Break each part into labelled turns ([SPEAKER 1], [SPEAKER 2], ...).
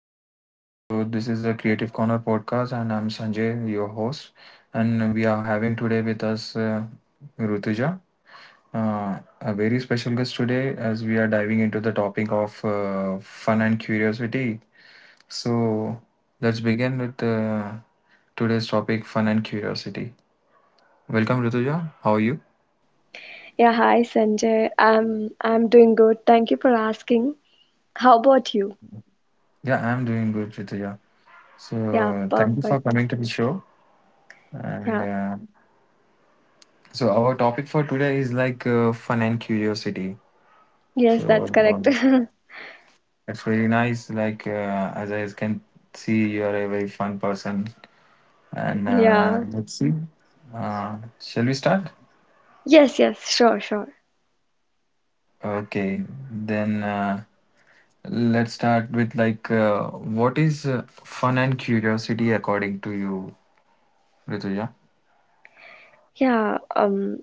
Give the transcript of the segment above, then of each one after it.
[SPEAKER 1] everyone. So, this is a Creative Corner podcast, and I'm Sanjay, your host. And we are having today with us Rutuja, a very special guest today, as we are diving into the topic of fun and curiosity. So, let's begin with today's topic fun and curiosity. Welcome, Rutuja. How are you?
[SPEAKER 2] Yeah, hi Sanjay. I'm doing good. Thank you for asking. How about you?
[SPEAKER 1] Yeah, I'm doing good, Rituja.
[SPEAKER 2] Yeah,
[SPEAKER 1] So thank you for
[SPEAKER 2] perfect.
[SPEAKER 1] coming to the show. And
[SPEAKER 2] Yeah.
[SPEAKER 1] so our topic for today is like fun and curiosity.
[SPEAKER 2] Yes,
[SPEAKER 1] So
[SPEAKER 2] that's correct.
[SPEAKER 1] um, it's very nice. Like as I can see, you are a very fun person. And
[SPEAKER 2] Yeah.
[SPEAKER 1] let's see. Shall we start?
[SPEAKER 2] Yes, yes, sure, sure.
[SPEAKER 1] Okay, then let's start with like what is fun and curiosity according to you, Rituja?
[SPEAKER 2] Yeah, um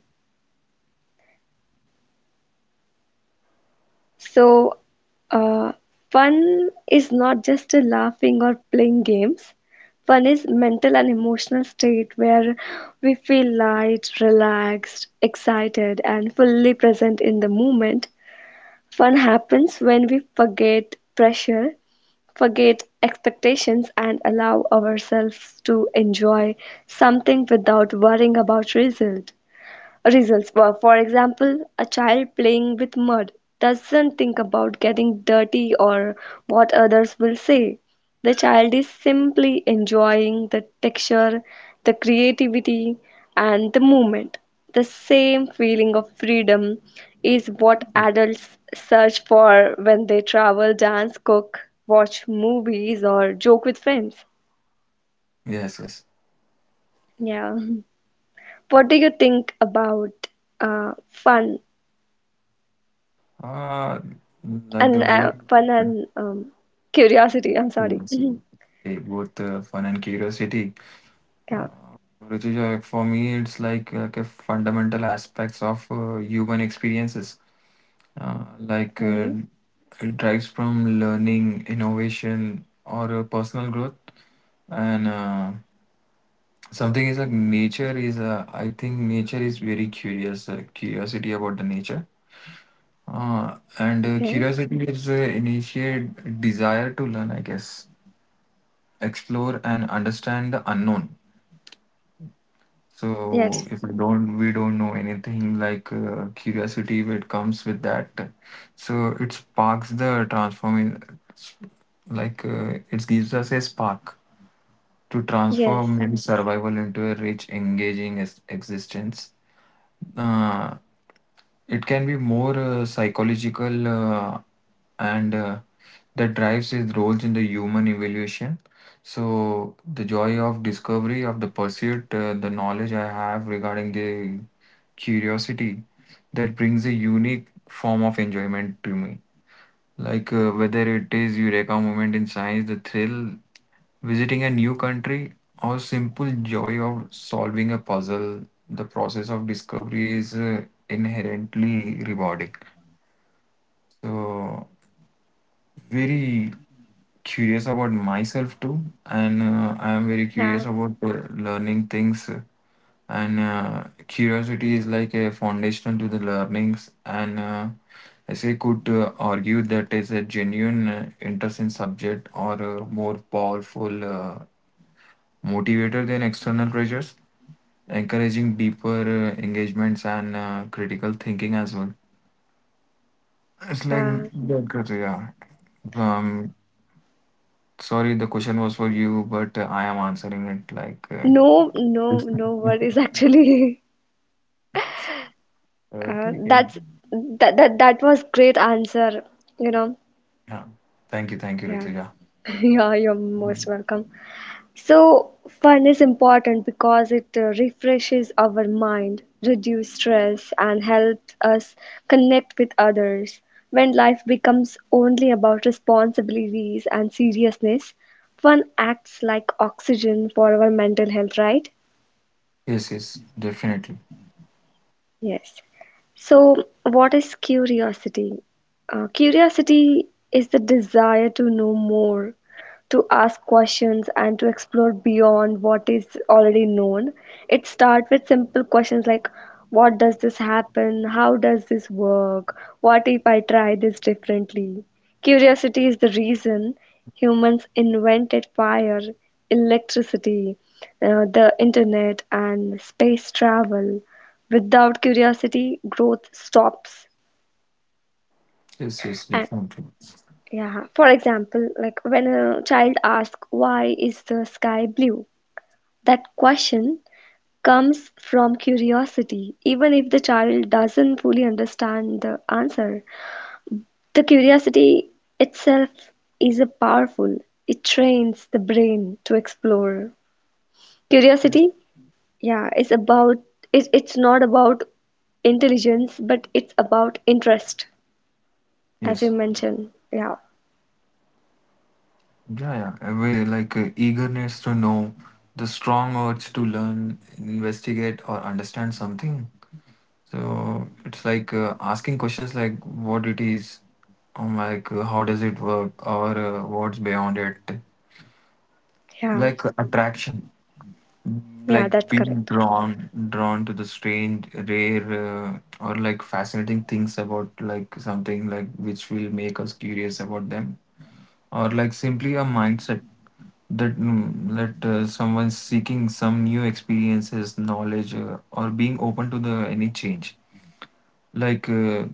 [SPEAKER 2] so uh fun is not just a laughing or playing games. Fun is mental and emotional state where we feel light, relaxed, excited and fully present in the moment. Fun happens when we forget pressure forget expectations and allow ourselves to enjoy something without worrying about Results. For example, a child playing with mud doesn't think about getting dirty or what others will say. The child is simply enjoying the texture, the creativity, and the movement. The same feeling of freedom is what
[SPEAKER 1] Yeah.
[SPEAKER 2] adults search for when they travel, dance, cook, watch movies, or joke with friends.
[SPEAKER 1] Yes, yes.
[SPEAKER 2] Yeah. What do you think about fun
[SPEAKER 1] Uh, like
[SPEAKER 2] and
[SPEAKER 1] the whole.
[SPEAKER 2] fun and curiosity. I'm sorry. Mhm.
[SPEAKER 1] Curiosity. Okay, both fun and curiosity.
[SPEAKER 2] Yeah.
[SPEAKER 1] Uh, Rituja, for me, it's like ke fundamental aspects of human experiences. Uh, like uh,
[SPEAKER 2] Hmm.
[SPEAKER 1] it drives from learning, innovation, or personal growth. And something is like nature is, I think nature is very curious, curiosity about the nature. And
[SPEAKER 2] Okay.
[SPEAKER 1] curiosity is initiate desire to learn, I guess, explore and understand the unknown.
[SPEAKER 2] Yes.
[SPEAKER 1] So if I don't, we don't know anything like curiosity, it comes with that. So it sparks the transforming, like it gives us a spark to
[SPEAKER 2] Yes.
[SPEAKER 1] transform in survival into a rich, engaging existence. Uh, it can be more psychological and that drives his roles in the human evolution. So, the joy of discovery, of the pursuit, the knowledge I have regarding the curiosity that brings a unique form of enjoyment to me. Like whether it is eureka moment in science, the thrill, visiting a new country, or simple joy of solving a puzzle, the process of discovery is inherently rewarding. So very curious about myself too, and I am very
[SPEAKER 2] Yeah.
[SPEAKER 1] curious about learning things. And curiosity is like a foundation to the learnings. And as I could argue that is a genuine interest in subject or a more powerful motivator than external pressures, encouraging deeper engagements and critical thinking as well. It's
[SPEAKER 2] Yeah.
[SPEAKER 1] like that, 'cause, yeah. Um, sorry, the question was for you, but I am answering it like
[SPEAKER 2] No. No. No worries. Actually,
[SPEAKER 1] okay, okay.
[SPEAKER 2] that's that that that was great answer. You know.
[SPEAKER 1] Yeah. Thank you,
[SPEAKER 2] Yeah.
[SPEAKER 1] Rituja.
[SPEAKER 2] yeah. You're most welcome. So, fun is important because it refreshes our mind, reduces stress, and helps us connect with others. When life becomes only about responsibilities and seriousness, fun acts like oxygen for our mental health, right?
[SPEAKER 1] Yes, yes, definitely.
[SPEAKER 2] Yes. So, what is curiosity? Curiosity is the desire to know more, to ask questions, and to explore beyond what is already known. It starts with simple questions like what does this happen? How does this work? What if I try this differently? Curiosity is the reason humans invented fire, electricity, the internet, and space travel without curiosity growth stops
[SPEAKER 1] Yes, yes,
[SPEAKER 2] and
[SPEAKER 1] definitely.
[SPEAKER 2] yeah, for example, like when a child asks why is the sky blue, that question comes from curiosity. Even if the child doesn't fully understand the answer, the curiosity itself is a powerful, it trains the brain to explore.
[SPEAKER 1] Yes.
[SPEAKER 2] Curiosity, yeah, is about it's not about intelligence but it's about interest, as you
[SPEAKER 1] Yes.
[SPEAKER 2] mentioned. Yeah.
[SPEAKER 1] Yeah, yeah. Away, like eagerness to know, the strong urge to learn, investigate, or understand something. So it's like asking questions like what it is, or like how does it work, or what's beyond it.
[SPEAKER 2] Yeah,
[SPEAKER 1] Like attraction,
[SPEAKER 2] yeah,
[SPEAKER 1] like
[SPEAKER 2] that's
[SPEAKER 1] being
[SPEAKER 2] correct.
[SPEAKER 1] drawn to the strange, rare, or like fascinating things about like something like which will make us curious about them, or like simply a mindset that that someone's seeking some new experiences, knowledge, or being open to the any change. Like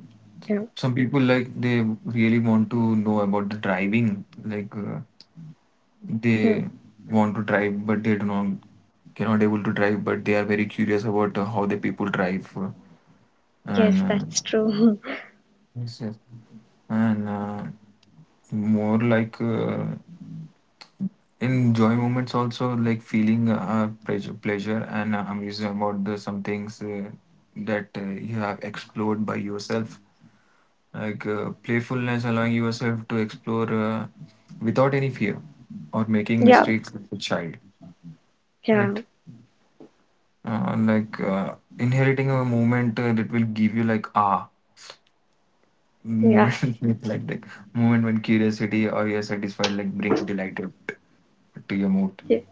[SPEAKER 2] Yeah,
[SPEAKER 1] some people like they really want to know about the driving. Like
[SPEAKER 2] hmm.
[SPEAKER 1] they want to drive, but they do not cannot able to drive, but they are very curious about how the people drive, and
[SPEAKER 2] Yes, that's true.
[SPEAKER 1] yes, yes. And more like. In joy moments also like feeling pleasure and amusement about the some things that you have explored by yourself, like playfulness allowing yourself to explore without any fear or making
[SPEAKER 2] Yeah,
[SPEAKER 1] mistakes as a child,
[SPEAKER 2] yeah,
[SPEAKER 1] right. Inheriting a moment that will give you like ah
[SPEAKER 2] yes,
[SPEAKER 1] moment like that moment when curiosity or you're satisfied like brings delight to your mood.
[SPEAKER 2] yes,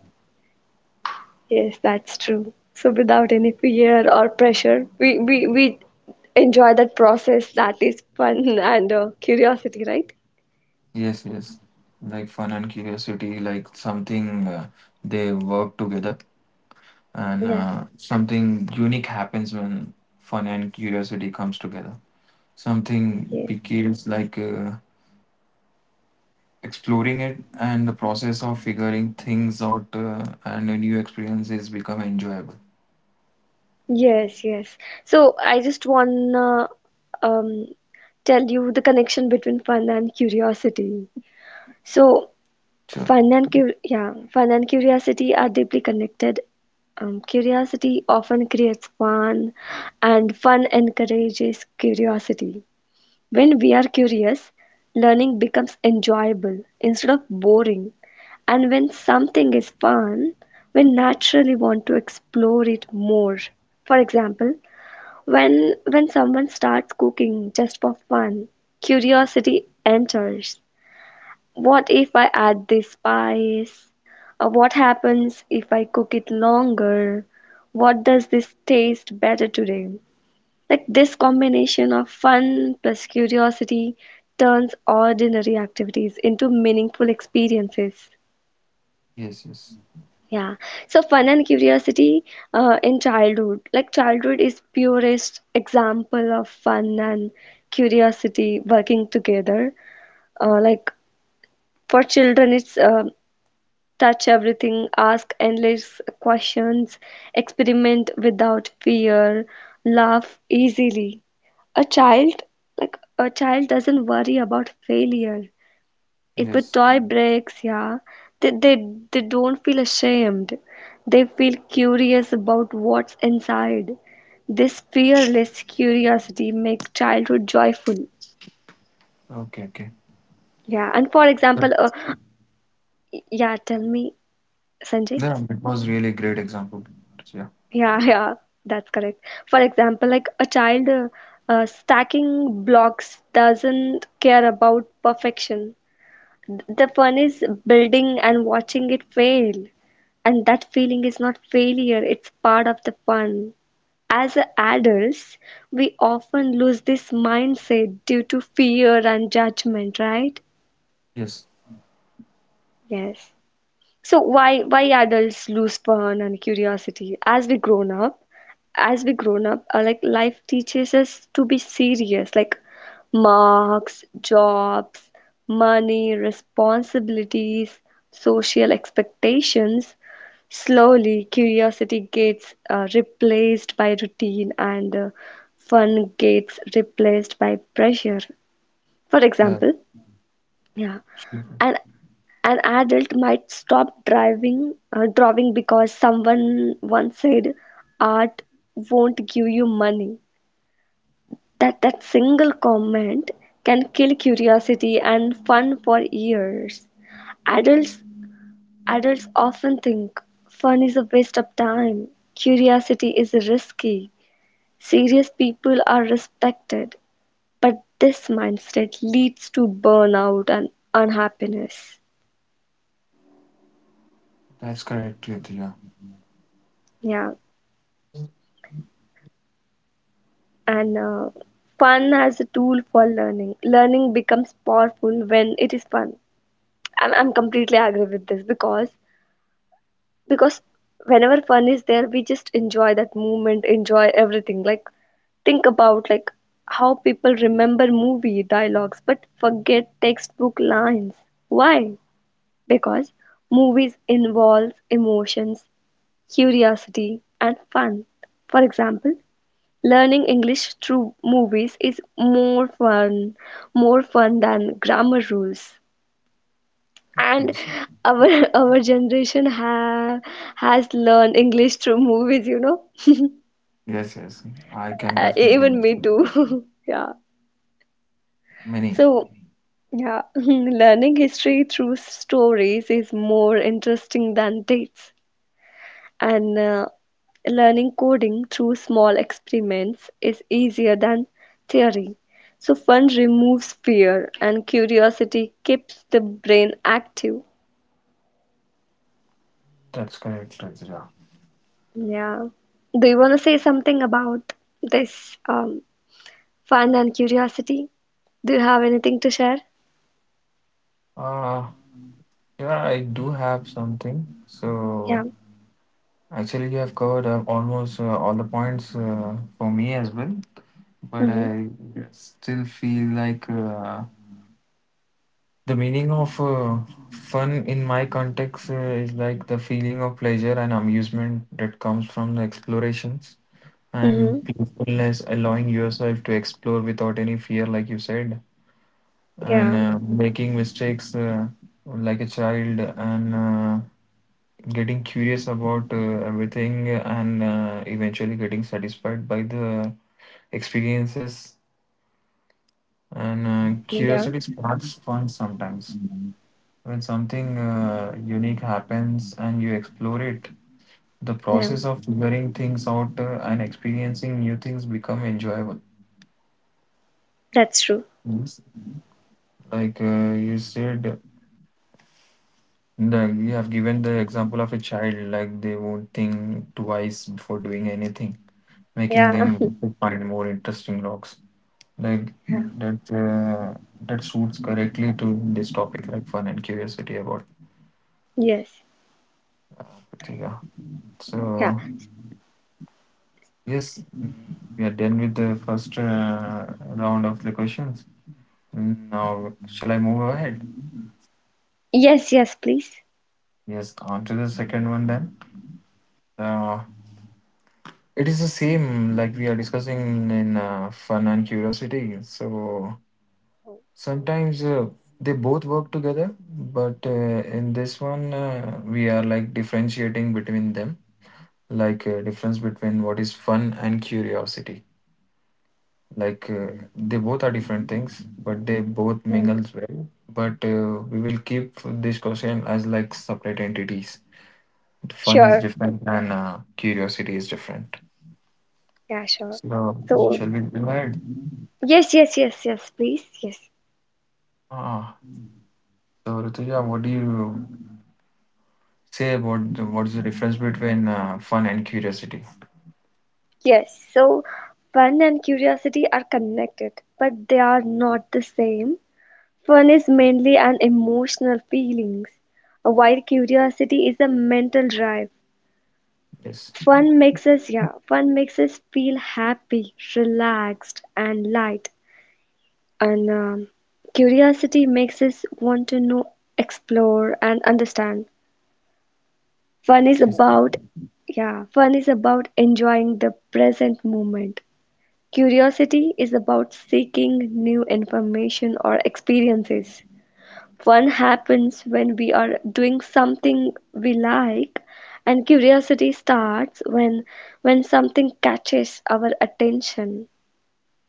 [SPEAKER 2] yes, that's true. So without any fear or pressure, we enjoy that process. That is fun and curiosity, right?
[SPEAKER 1] Yes, yes. Like fun and curiosity, like something they work together, and
[SPEAKER 2] Yeah,
[SPEAKER 1] something unique happens when fun and curiosity comes together. Something
[SPEAKER 2] yeah,
[SPEAKER 1] becomes like exploring it, and the process of figuring things out and a new experiences become enjoyable.
[SPEAKER 2] yes, yes. So I just wanna um tell you the connection between fun and curiosity. So
[SPEAKER 1] Sure.
[SPEAKER 2] fun and yeah, fun and curiosity are deeply connected. Curiosity often creates fun, and fun encourages curiosity. When we are curious, learning becomes enjoyable instead of boring. And when something is fun, we naturally want to explore it more. For example, when when someone starts cooking just for fun, curiosity enters. What if I add this spice? What happens if I cook it longer? What does this taste better today? Like this combination of fun plus curiosity turns ordinary activities into meaningful experiences.
[SPEAKER 1] Yes, yes,
[SPEAKER 2] Yeah. So fun and curiosity in childhood. Like childhood is purest example of fun and curiosity working together. Like for children it's touch everything, ask endless questions, experiment without fear, laugh easily. A child, like a child, doesn't worry about failure. If a
[SPEAKER 1] yes.
[SPEAKER 2] toy breaks, yeah, they don't feel ashamed. They feel curious about what's inside. This fearless curiosity makes childhood joyful.
[SPEAKER 1] Okay, okay.
[SPEAKER 2] Yeah, and for
[SPEAKER 1] But,
[SPEAKER 2] example, yeah, tell me, Sanjay.
[SPEAKER 1] yeah, it was really great example. Yeah.
[SPEAKER 2] Yeah, yeah, that's correct. For example, like a child stacking blocks doesn't care about perfection. The fun is building and watching it fail. And that feeling is not failure, it's part of the fun. As adults, we often lose this mindset due to fear and judgment, right?
[SPEAKER 1] Yes.
[SPEAKER 2] Yes. So why adults lose fun and curiosity as we grown up? As we grown up, like life teaches us to be serious, like marks, jobs, money, responsibilities, social expectations. Slowly, curiosity gets replaced by routine, and fun gets replaced by pressure. For
[SPEAKER 1] Yeah.
[SPEAKER 2] example, yeah,
[SPEAKER 1] Sure.
[SPEAKER 2] and an adult might stop drawing because someone once said, "Art won't give you money." That single comment can kill curiosity and fun for years. Adults Adults often think fun is a waste of time. Curiosity is risky. Serious people are respected, but this mindset leads to burnout and unhappiness.
[SPEAKER 1] That's correct, Ritu, yeah.
[SPEAKER 2] Yeah. And fun as a tool for learning. Learning becomes powerful when it is fun. I'm completely agree with this because whenever fun is there, we just enjoy that moment, enjoy everything. Like think about like how people remember movie dialogues but forget textbook lines. Why? Because movies involve emotions, curiosity, and fun. For example, learning English through movies is more fun than grammar rules. And
[SPEAKER 1] Yes.
[SPEAKER 2] our our generation has learned English through movies, you know.
[SPEAKER 1] Yes, yes, I can definitely
[SPEAKER 2] Even me
[SPEAKER 1] use
[SPEAKER 2] too. yeah.
[SPEAKER 1] many.
[SPEAKER 2] So yeah, learning history through stories is more interesting than dates. And learning coding through small experiments is easier than theory. So, fun removes fear, and curiosity keeps the brain active.
[SPEAKER 1] That's correct, Rajra.
[SPEAKER 2] Yeah. Do you want to say something about this fun and curiosity? Do you have anything to share?
[SPEAKER 1] Uh, yeah, I do have something. So
[SPEAKER 2] Yeah.
[SPEAKER 1] actually, you have covered almost all the points for me as well. But
[SPEAKER 2] Mm-hmm.
[SPEAKER 1] I still feel like the meaning of fun in my context is like the feeling of pleasure and amusement that comes from the explorations and
[SPEAKER 2] Mm-hmm.
[SPEAKER 1] playfulness, allowing yourself to explore without any fear, like you said, and
[SPEAKER 2] Yeah.
[SPEAKER 1] making mistakes like a child, and getting curious about everything, and eventually getting satisfied by the experiences. And
[SPEAKER 2] Yeah.
[SPEAKER 1] curiosity sparks fun sometimes when something unique happens and you explore it, the
[SPEAKER 2] Yeah.
[SPEAKER 1] process of figuring things out and experiencing new things become enjoyable.
[SPEAKER 2] That's true.
[SPEAKER 1] Mm. Like you said, the, you have given the example of a child, like they won't think twice before doing anything,
[SPEAKER 2] Yeah.
[SPEAKER 1] making them find more interesting rocks. Like
[SPEAKER 2] Yeah.
[SPEAKER 1] that, uh, that suits correctly to this topic, like fun and curiosity about.
[SPEAKER 2] Yes.
[SPEAKER 1] But yeah.
[SPEAKER 2] Yeah.
[SPEAKER 1] So yes, mm, we are done with the first round of the questions. Now, shall I move ahead?
[SPEAKER 2] Yes. Yes. Please.
[SPEAKER 1] Yes, on to the second one then. Uh, It is the same like we are discussing in fun and curiosity. So sometimes they both work together, but in this one, we are like differentiating between them, like difference between what is fun and curiosity. Like they both are different things, but they both
[SPEAKER 2] Yeah.
[SPEAKER 1] mingles well. But we will keep this question as like separate entities. Fun is
[SPEAKER 2] Sure.
[SPEAKER 1] different and curiosity is different.
[SPEAKER 2] Yeah. Sure.
[SPEAKER 1] So
[SPEAKER 2] So
[SPEAKER 1] shall we go ahead?
[SPEAKER 2] yes, yes, yes, yes, please. Yes,
[SPEAKER 1] Ah, So, Rutuja, what do you say about the, what is the difference between fun and curiosity?
[SPEAKER 2] yes. So, fun and curiosity are connected, but they are not the same. Fun is mainly an emotional feelings, while curiosity is a mental drive.
[SPEAKER 1] Yes,
[SPEAKER 2] Fun makes us, yeah, fun makes us feel happy, relaxed, and light. And curiosity makes us want to know, explore, and understand. Fun is
[SPEAKER 1] yes,
[SPEAKER 2] about, yeah, fun is about enjoying the present moment. Curiosity is about seeking new information or experiences. Fun happens when we are doing something we like, and curiosity starts when something catches our attention.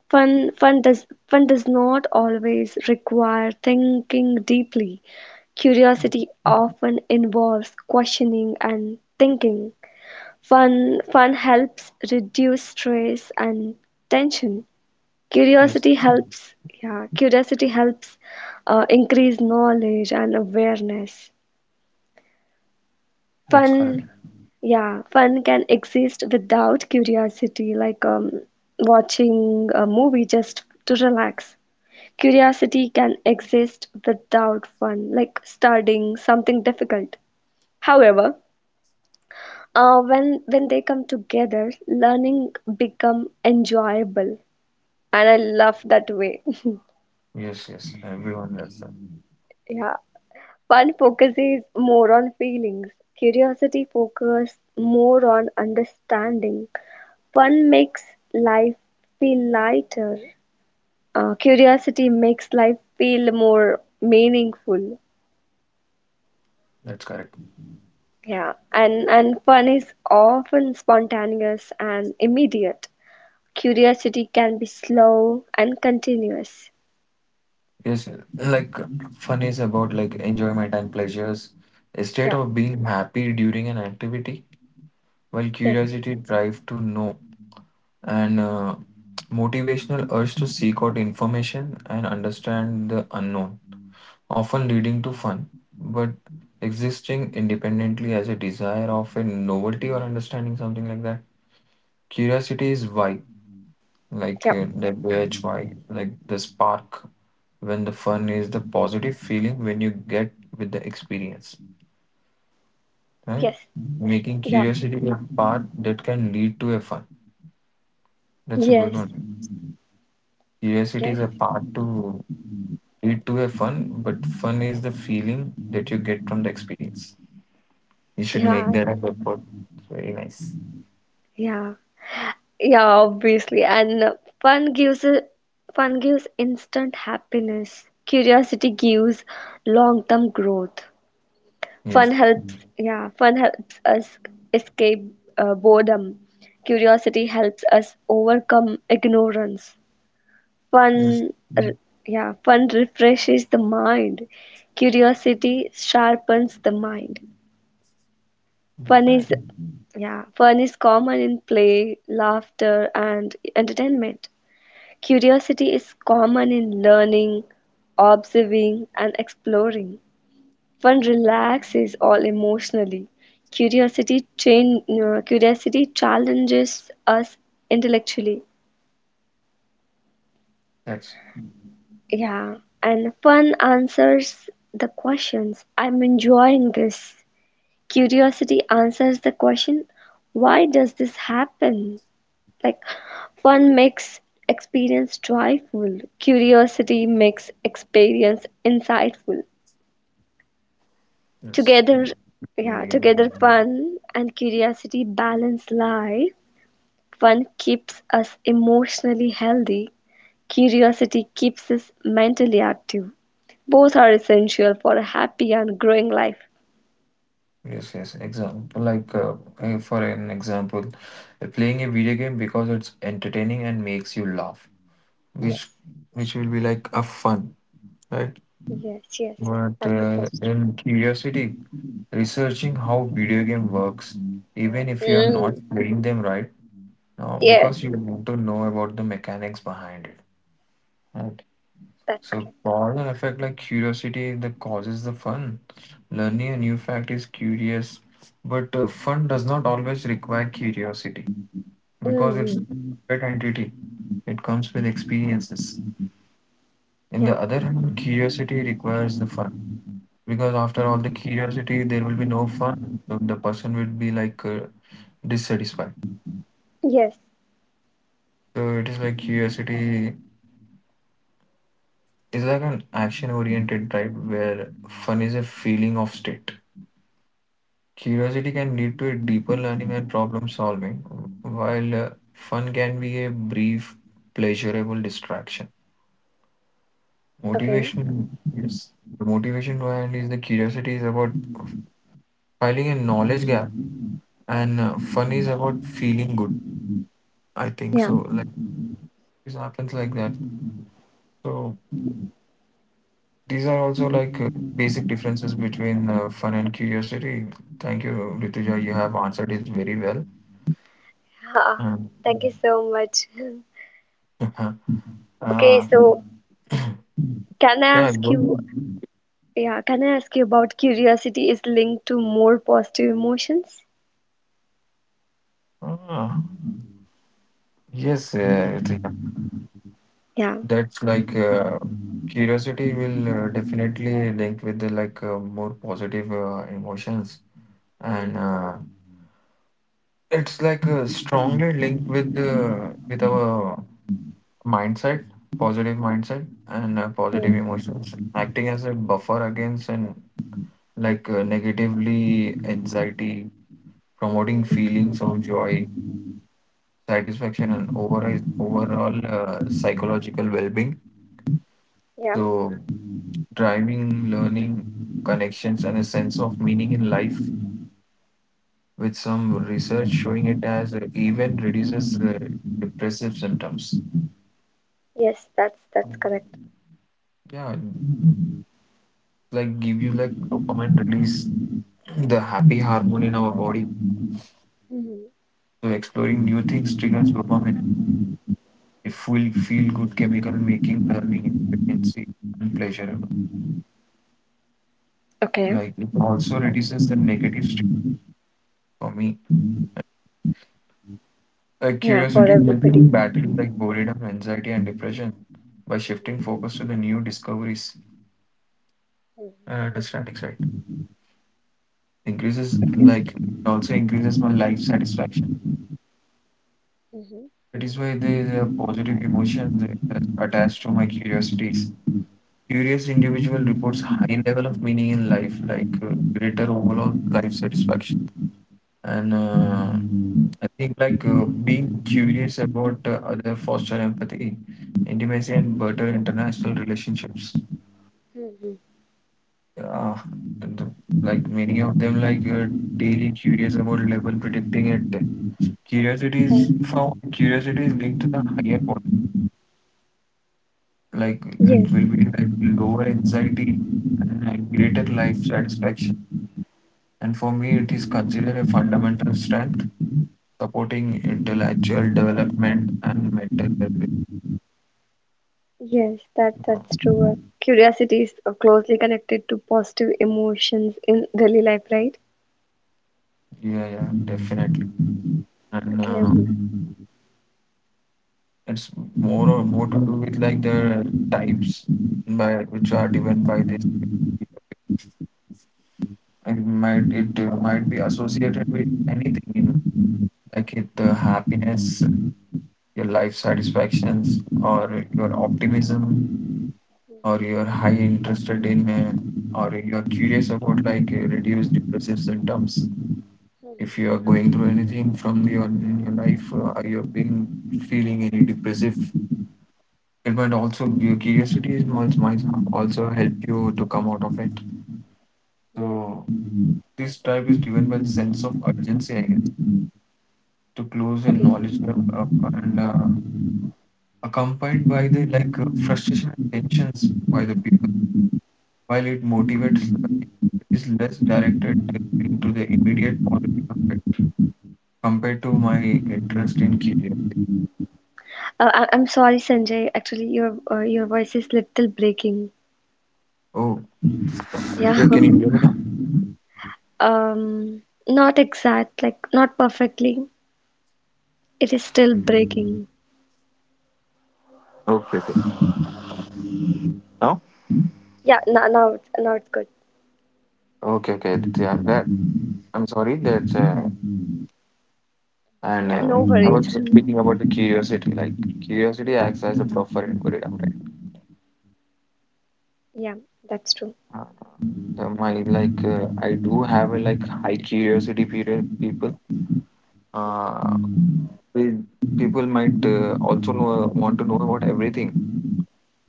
[SPEAKER 2] Fun does not always require thinking deeply. Curiosity often involves questioning and thinking. Fun, helps reduce stress and tension.
[SPEAKER 1] yes,
[SPEAKER 2] Curiosity helps, yeah, curiosity helps increase knowledge and awareness.
[SPEAKER 1] that's correct.
[SPEAKER 2] Fun, yeah, fun can exist without curiosity, like watching a movie just to relax. Curiosity can exist without fun, like studying something difficult. However, when they come together, learning become enjoyable, and I love that way.
[SPEAKER 1] Yes, yes, everyone does that.
[SPEAKER 2] Yeah. Fun focuses more on feelings. Curiosity focuses more on understanding. Fun makes life feel lighter. Curiosity makes life feel more meaningful.
[SPEAKER 1] That's correct.
[SPEAKER 2] Yeah, and fun is often spontaneous and immediate. Curiosity can be slow and continuous.
[SPEAKER 1] Yes, like fun is about like enjoyment and pleasures, a state
[SPEAKER 2] Yeah.
[SPEAKER 1] of being happy during an activity, while
[SPEAKER 2] Yes.
[SPEAKER 1] curiosity drive to know, and motivational urge to seek out information and understand the unknown, often leading to fun, but existing independently as a desire of a novelty or understanding something like that. Curiosity is why, like
[SPEAKER 2] Yep.
[SPEAKER 1] the wedge why, like the spark, when the fun is the positive feeling when you get with the experience, right?
[SPEAKER 2] Yes.
[SPEAKER 1] Making
[SPEAKER 2] Yep.
[SPEAKER 1] curiosity a part that can lead to a fun. That's a good
[SPEAKER 2] Yes.
[SPEAKER 1] one. Curiosity is
[SPEAKER 2] Yes.
[SPEAKER 1] a part to lead to a fun, but fun is the feeling that you get from the experience. You should
[SPEAKER 2] Yeah.
[SPEAKER 1] make that a good point. It's very nice.
[SPEAKER 2] Yeah. Yeah, obviously. And fun gives a- fun gives instant happiness. Curiosity gives long-term growth.
[SPEAKER 1] Yes,
[SPEAKER 2] Fun helps, yeah, fun helps us escape boredom. Curiosity helps us overcome ignorance.
[SPEAKER 1] yes,
[SPEAKER 2] Fun, r- yeah, fun refreshes the mind. Curiosity sharpens the mind. Fun
[SPEAKER 1] definitely.
[SPEAKER 2] is, yeah, fun is common in play, laughter, and entertainment. Curiosity is common in learning, observing, and exploring. One relaxes all emotionally. Curiosity challenges us intellectually.
[SPEAKER 1] That's
[SPEAKER 2] Yeah, and fun answers the questions. I'm enjoying this. Curiosity answers the question, why does this happen? Like fun makes experience joyful, curiosity makes experience insightful.
[SPEAKER 1] yes.
[SPEAKER 2] Together, yeah,
[SPEAKER 1] Video game.
[SPEAKER 2] together fun and curiosity balance life. Fun keeps us emotionally healthy, curiosity keeps us mentally active. Both are essential for a happy and growing life.
[SPEAKER 1] Yes, yes. Example like for an example, playing a video game because it's entertaining and makes you laugh, which
[SPEAKER 2] Yes,
[SPEAKER 1] which will be like a fun, right?
[SPEAKER 2] yes, yes, yes.
[SPEAKER 1] But
[SPEAKER 2] That's true.
[SPEAKER 1] in curiosity, researching how video game works, even if you are not
[SPEAKER 2] Mm.
[SPEAKER 1] playing them right now,
[SPEAKER 2] Yes,
[SPEAKER 1] because you want to know about the mechanics behind it, right?
[SPEAKER 2] that's
[SPEAKER 1] So
[SPEAKER 2] correct.
[SPEAKER 1] parallel effect like curiosity that causes the fun. Learning a new fact is curious, but fun does not always require curiosity because it's a
[SPEAKER 2] Mm.
[SPEAKER 1] separate entity. It comes with experiences. In the
[SPEAKER 2] Yeah.
[SPEAKER 1] other hand, curiosity requires the fun because after all the curiosity, there will be no fun. So the person will be like dissatisfied.
[SPEAKER 2] Yes.
[SPEAKER 1] So it is like curiosity is like an action-oriented type where fun is a feeling of state. Curiosity can lead to a deeper learning and problem solving, while fun can be a brief, pleasurable distraction.
[SPEAKER 2] Okay.
[SPEAKER 1] Motivation yes. The motivation behind is the curiosity is about filling a knowledge gap, and fun is about feeling good. I think
[SPEAKER 2] Yeah.
[SPEAKER 1] so. Like it happens like that. So these are also like basic differences between fun and curiosity. Thank you, Rituja. You have answered it very well.
[SPEAKER 2] Ha,
[SPEAKER 1] Um,
[SPEAKER 2] thank you so much. Okay,
[SPEAKER 1] uh,
[SPEAKER 2] so can I
[SPEAKER 1] yeah,
[SPEAKER 2] ask
[SPEAKER 1] good.
[SPEAKER 2] you, yeah, can I ask you about curiosity is linked to more positive emotions?
[SPEAKER 1] Ah, yes, yeah.
[SPEAKER 2] Yeah.
[SPEAKER 1] That's like curiosity will definitely link with the like more positive emotions, and it's like strongly linked with the with our mindset, positive mindset, and positive emotions, acting as a buffer against and like negatively anxiety, promoting
[SPEAKER 2] Mhm.
[SPEAKER 1] feelings of joy, satisfaction, and overall psychological well-being.
[SPEAKER 2] Yeah.
[SPEAKER 1] So, driving learning, connections, and a sense of meaning in life, with some research showing it as even reduces depressive symptoms.
[SPEAKER 2] Yes, that's
[SPEAKER 1] Um,
[SPEAKER 2] correct.
[SPEAKER 1] Yeah, like give you like dopamine release, the happy hormone in our body.
[SPEAKER 2] Mhm.
[SPEAKER 1] So exploring new things triggers dopamine. It will feel good chemical making learning efficiency and pleasurable. Like it also reduces the negative stress for me.
[SPEAKER 2] Yeah, for
[SPEAKER 1] Curiosity helped
[SPEAKER 2] everybody.
[SPEAKER 1] me battle like boredom, anxiety, and depression by shifting focus
[SPEAKER 2] Mhm.
[SPEAKER 1] to the new discoveries. Understanding side increases,
[SPEAKER 2] Mhm.
[SPEAKER 1] like it also increases my life satisfaction.
[SPEAKER 2] Mhm.
[SPEAKER 1] That is why there is a positive emotion that is attached to my curiosities. Curious individual reports high level of meaning in life, greater overall life satisfaction. And I think being curious about other foster empathy, intimacy, and better international relationships.
[SPEAKER 2] Mhm.
[SPEAKER 1] Uh, the, like many of them, daily curious about level predicting it. Curiosity is
[SPEAKER 2] Mhm.
[SPEAKER 1] found. Curiosity is linked to the higher point. Like
[SPEAKER 2] Yeah.
[SPEAKER 1] it will
[SPEAKER 2] Yes.
[SPEAKER 1] be like lower anxiety and greater life satisfaction. And for me, it is considered a fundamental strength supporting intellectual development and mental well-being.
[SPEAKER 2] Yes, that
[SPEAKER 1] Yeah,
[SPEAKER 2] that's true. Curiosity is closely connected to positive emotions in daily life, right?
[SPEAKER 1] yeah, definitely. And
[SPEAKER 2] Okay.
[SPEAKER 1] uh,
[SPEAKER 2] Mhm.
[SPEAKER 1] it's more or more to do with like the types by which are given by this. It it might be associated with anything, like it happiness, your life satisfactions, or your optimism, or your high interested in, or you're curious about reduced depressive symptoms. If you are going through anything from your in your life, are you being feeling any depressive but also your curiosity is might also help you to come out of it.
[SPEAKER 2] Yes.
[SPEAKER 1] So this drive is driven by the sense of urgency, I guess, to close a
[SPEAKER 2] Okay.
[SPEAKER 1] knowledge gap up and accompanied by the frustration and tensions by the people. While it motivates learning, it is less directed into the immediate positive effect compared to my interest in curiosity.
[SPEAKER 2] I'm sorry, Sanjay. Actually, your voice is little breaking.
[SPEAKER 1] Oh,
[SPEAKER 2] Yeah.
[SPEAKER 1] yeah, can you hear me now?
[SPEAKER 2] Um, Not exact, like not perfectly. It is still breaking.
[SPEAKER 1] Okay, okay. Now.
[SPEAKER 2] Yeah, now it's good.
[SPEAKER 1] Okay, okay. Yeah, that, I'm sorry that And
[SPEAKER 2] Yeah, no
[SPEAKER 1] uh, I
[SPEAKER 2] worries.
[SPEAKER 1] was speaking about the curiosity. Like curiosity
[SPEAKER 2] Yeah,
[SPEAKER 1] acts as a buffer in boredom, right?
[SPEAKER 2] yeah, that's true.
[SPEAKER 1] Uh, the, my I do have a like high curiosity period. People, uh, we- people might also know, want to know about everything.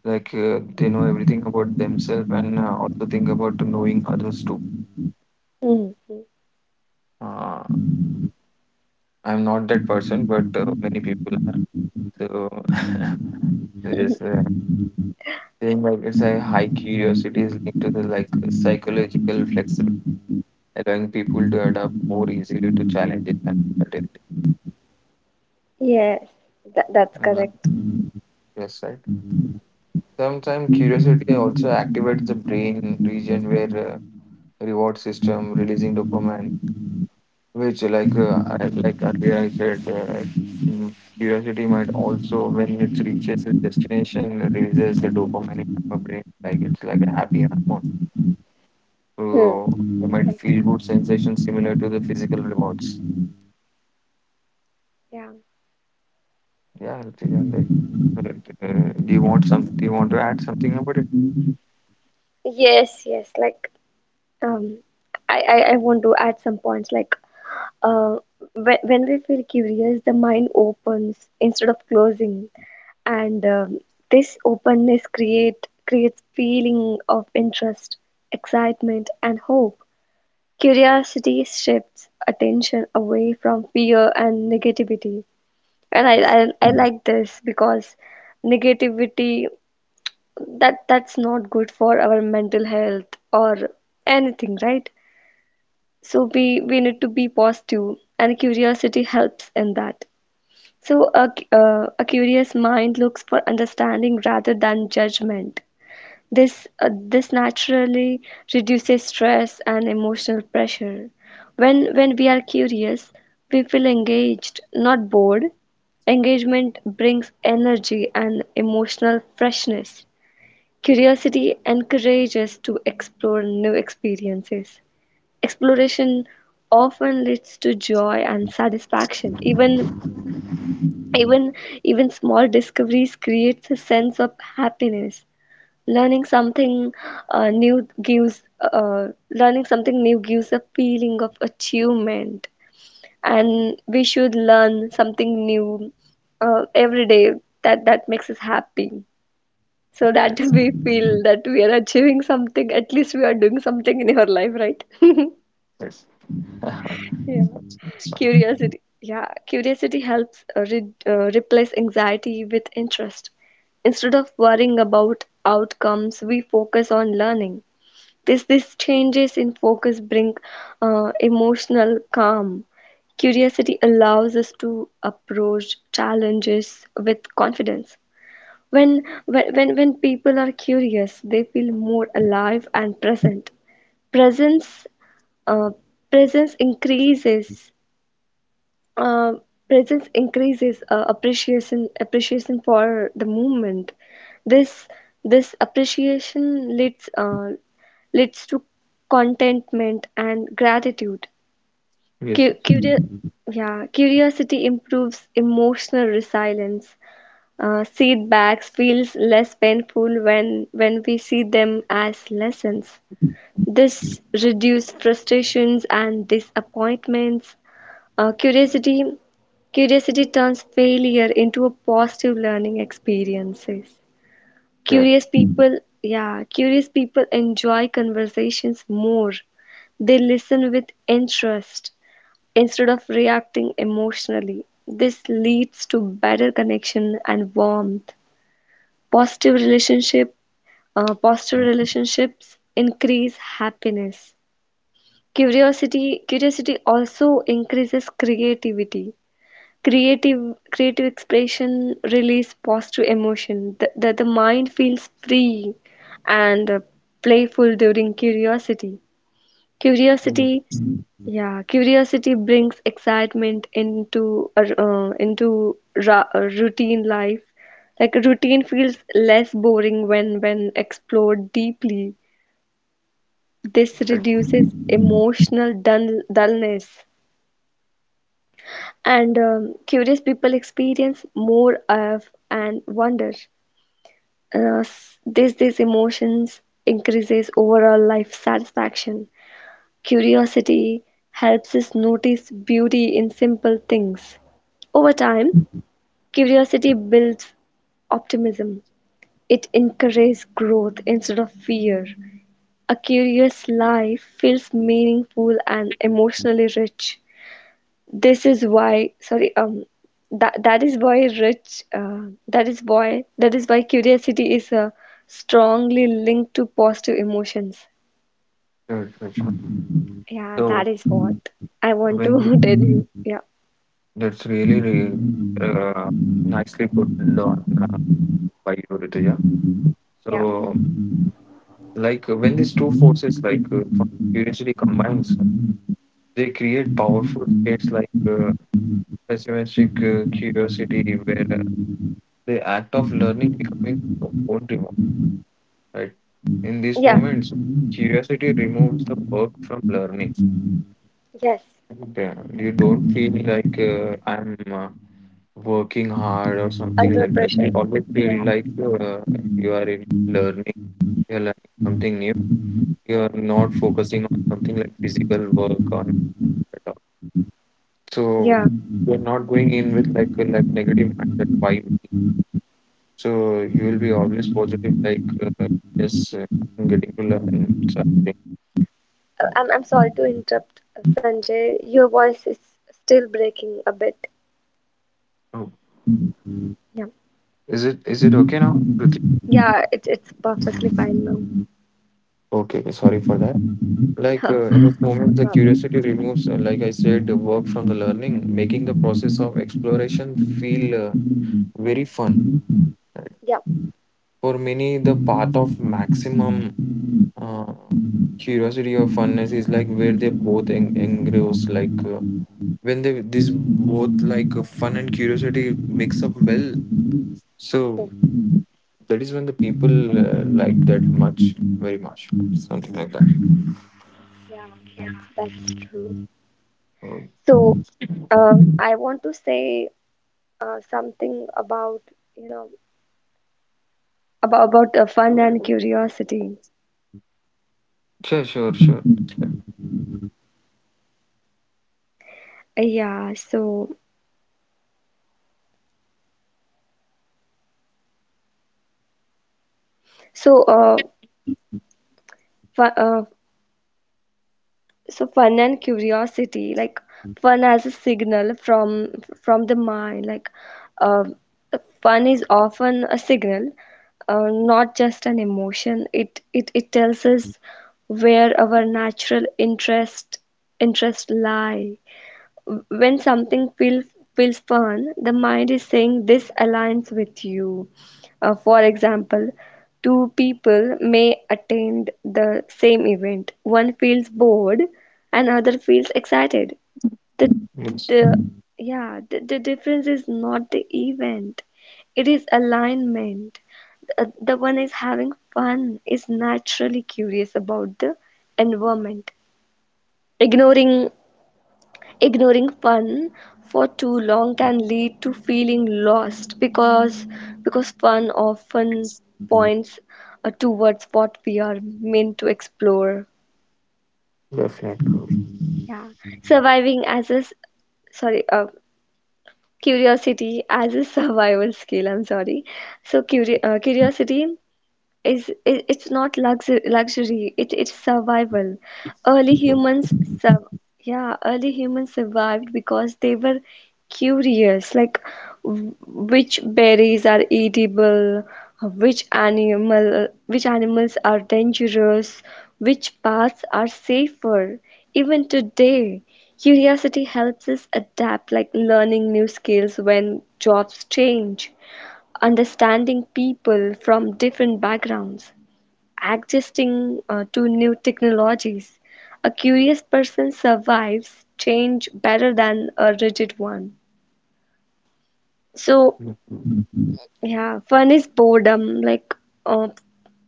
[SPEAKER 1] They know everything about themselves and also think about knowing others too.
[SPEAKER 2] Mhm.
[SPEAKER 1] Uh, I'm not that person, but many people are. So
[SPEAKER 2] Mhm.
[SPEAKER 1] yes, uh, Feeling like it's a high curiosity is linked to the like psychological flexibility, allowing people to adapt more easily to challenges and uncertainty.
[SPEAKER 2] Yes, that's
[SPEAKER 1] Mhm.
[SPEAKER 2] correct.
[SPEAKER 1] Yes, right. Sometimes curiosity also activates the brain region where reward system releasing dopamine, which I, like earlier I said, curiosity might also when it reaches its destination releases the dopamine in our brain, like it's like a happy hormone.
[SPEAKER 2] Hmm.
[SPEAKER 1] So you might
[SPEAKER 2] Right.
[SPEAKER 1] feel good sensations similar to the physical rewards.
[SPEAKER 2] Yeah.
[SPEAKER 1] Yeah, Ritik, and like, but, do you want some? Do you want to add something about it?
[SPEAKER 2] Yes, yes. Like, um, I want to add some points. Like, uh, when we feel curious, the mind opens instead of closing. And this openness creates feeling of interest, excitement and hope. Curiosity shifts attention away from fear and negativity. And
[SPEAKER 1] Yes.
[SPEAKER 2] I like this because negativity, that's not good for our mental health or anything, right? So we need to be positive, and curiosity helps in that. So a curious mind looks for understanding rather than judgment. This naturally reduces stress and emotional pressure. When we are curious, we feel engaged, not bored. Engagement brings energy and emotional freshness. Curiosity encourages to explore new experiences. Exploration often leads to joy and satisfaction. Even Even small discoveries creates a sense of happiness. Learning something Learning something new gives a feeling of achievement, and we should learn something new every day. That makes us happy, so that
[SPEAKER 1] Yes.
[SPEAKER 2] we feel that we are achieving something. At least we are doing something in our life, right?
[SPEAKER 1] Yes. That's
[SPEAKER 2] Yeah.
[SPEAKER 1] that's fine.
[SPEAKER 2] Curiosity. Yeah, curiosity helps replace anxiety with interest. Instead of worrying about outcomes, we focus on learning. This changes in focus bring emotional calm. Curiosity allows us to approach challenges with confidence. When when people are curious, they feel more alive and present. Presence uh, presence increases uh, presence increases appreciation for the movement. This this appreciation leads to contentment and gratitude.
[SPEAKER 1] Yes.
[SPEAKER 2] Cu-
[SPEAKER 1] Yes.
[SPEAKER 2] curio- yeah, curiosity improves emotional resilience. Setbacks feels less painful when we see them as lessons. This reduces frustrations and disappointments. uh, curiosity, Curiosity turns failure into a positive learning experiences.
[SPEAKER 1] Yeah.
[SPEAKER 2] Curious people enjoy conversations more. They listen with interest instead of reacting emotionally. This leads to better connection and warmth. Positive relationship, Positive relationships increase happiness. Curiosity also increases creativity. creative Creative expression release positive emotion. The mind feels free and playful during curiosity.
[SPEAKER 1] Mm.
[SPEAKER 2] curiosity yeah Curiosity brings excitement into into routine life. Like routine feels less boring when explored deeply. This
[SPEAKER 1] Sure,
[SPEAKER 2] reduces emotional dullness. And Curious people experience more of and wonder. This these emotions increases overall life satisfaction. Curiosity helps us notice beauty in simple things. Over time curiosity builds optimism. It encourages growth instead of fear. A curious life feels meaningful and emotionally rich. This is why, sorry, that that is why rich, that is why That is why curiosity is strongly linked to positive emotions.
[SPEAKER 1] sure, sure. Sure.
[SPEAKER 2] Yeah, that
[SPEAKER 1] So
[SPEAKER 2] is what I want
[SPEAKER 1] when
[SPEAKER 2] to tell you. Yeah,
[SPEAKER 1] that's really, really uh, nicely put down by you, Rituja.
[SPEAKER 2] yeah,
[SPEAKER 1] So
[SPEAKER 2] mm.
[SPEAKER 1] when these two forces fun curiosity combines, they create powerful states pessimistic curiosity where the act of learning becoming your own reward, right? In these
[SPEAKER 2] Yeah.
[SPEAKER 1] moments curiosity removes the work from learning.
[SPEAKER 2] Yes,
[SPEAKER 1] Yeah, you
[SPEAKER 2] that's
[SPEAKER 1] don't
[SPEAKER 2] correct.
[SPEAKER 1] feel I'm uh, working hard or something
[SPEAKER 2] Under
[SPEAKER 1] like that.
[SPEAKER 2] pressure.
[SPEAKER 1] You always feel
[SPEAKER 2] Yeah,
[SPEAKER 1] you are in learning. You're learning something new. You're
[SPEAKER 2] yeah.
[SPEAKER 1] not focusing on something like physical work or at all.
[SPEAKER 2] Yeah.
[SPEAKER 1] So you're not going in with like a negative mindset, why me? So you will be always positive, yes, I'm getting to learn something.
[SPEAKER 2] I'm sorry to interrupt, Sanjay. Your voice is still breaking a bit.
[SPEAKER 1] Oh,
[SPEAKER 2] Yeah,
[SPEAKER 1] is it okay now, Ruchi?
[SPEAKER 2] yeah. It's perfectly fine now.
[SPEAKER 1] Okay, okay, sorry for that. In this
[SPEAKER 2] No
[SPEAKER 1] moment, the
[SPEAKER 2] problem.
[SPEAKER 1] curiosity removes, like I said, the work from the learning, making the process of exploration feel uh, very fun. Right?
[SPEAKER 2] Yeah.
[SPEAKER 1] For many, the path of maximum uh, curiosity or funness is like where they both engross, like. When they these both fun and curiosity mix up well,
[SPEAKER 2] Yeah.
[SPEAKER 1] so that is when the people like that much, very much, something like that.
[SPEAKER 2] Yeah, that's true.
[SPEAKER 1] Oh,
[SPEAKER 2] So, I want to say something about you know fun and curiosity.
[SPEAKER 1] sure, sure, sure.
[SPEAKER 2] Yeah, so uh, fun, uh so fun and curiosity, like fun as a signal from the mind. Like uh, fun is often a signal, not just an emotion. It tells us where our natural interest lie. When something feels fun, the mind is saying this aligns with you. For example, two people may attend the same event. One feels bored, and other feels excited. The the
[SPEAKER 1] Yes,
[SPEAKER 2] yeah, the difference is not the event. It is alignment. The one is having fun is naturally curious about the environment. ignoring Ignoring fun for too long can lead to feeling lost, because fun often points towards what we are meant to explore.
[SPEAKER 1] definitely.
[SPEAKER 2] Yeah, surviving as a s- sorry curiosity as a survival skill. I'm sorry. So curiosity is, it's not luxury. It's survival. early humans sur- yeah early humans survived because they were curious. Like which berries are eatable, which animals are dangerous, which paths are safer. Even today curiosity helps us adapt, like learning new skills when jobs change, understanding people from different backgrounds, adjusting to new technologies. A curious person survives change better than a rigid one. So,
[SPEAKER 1] Definitely.
[SPEAKER 2] yeah, fun is boredom. Like, uh,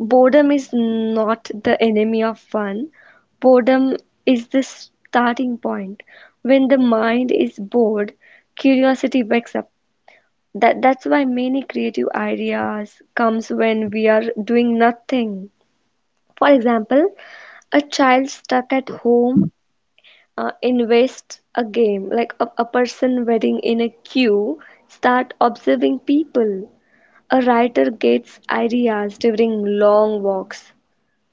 [SPEAKER 2] boredom is not the enemy of fun. Boredom is the starting point. When the mind is bored, curiosity wakes up. That's why many creative ideas comes when we are doing nothing. For example, a child stuck at
[SPEAKER 1] Yeah.
[SPEAKER 2] home invest a game, like a person waiting in a queue start observing people, a writer gets ideas during long walks.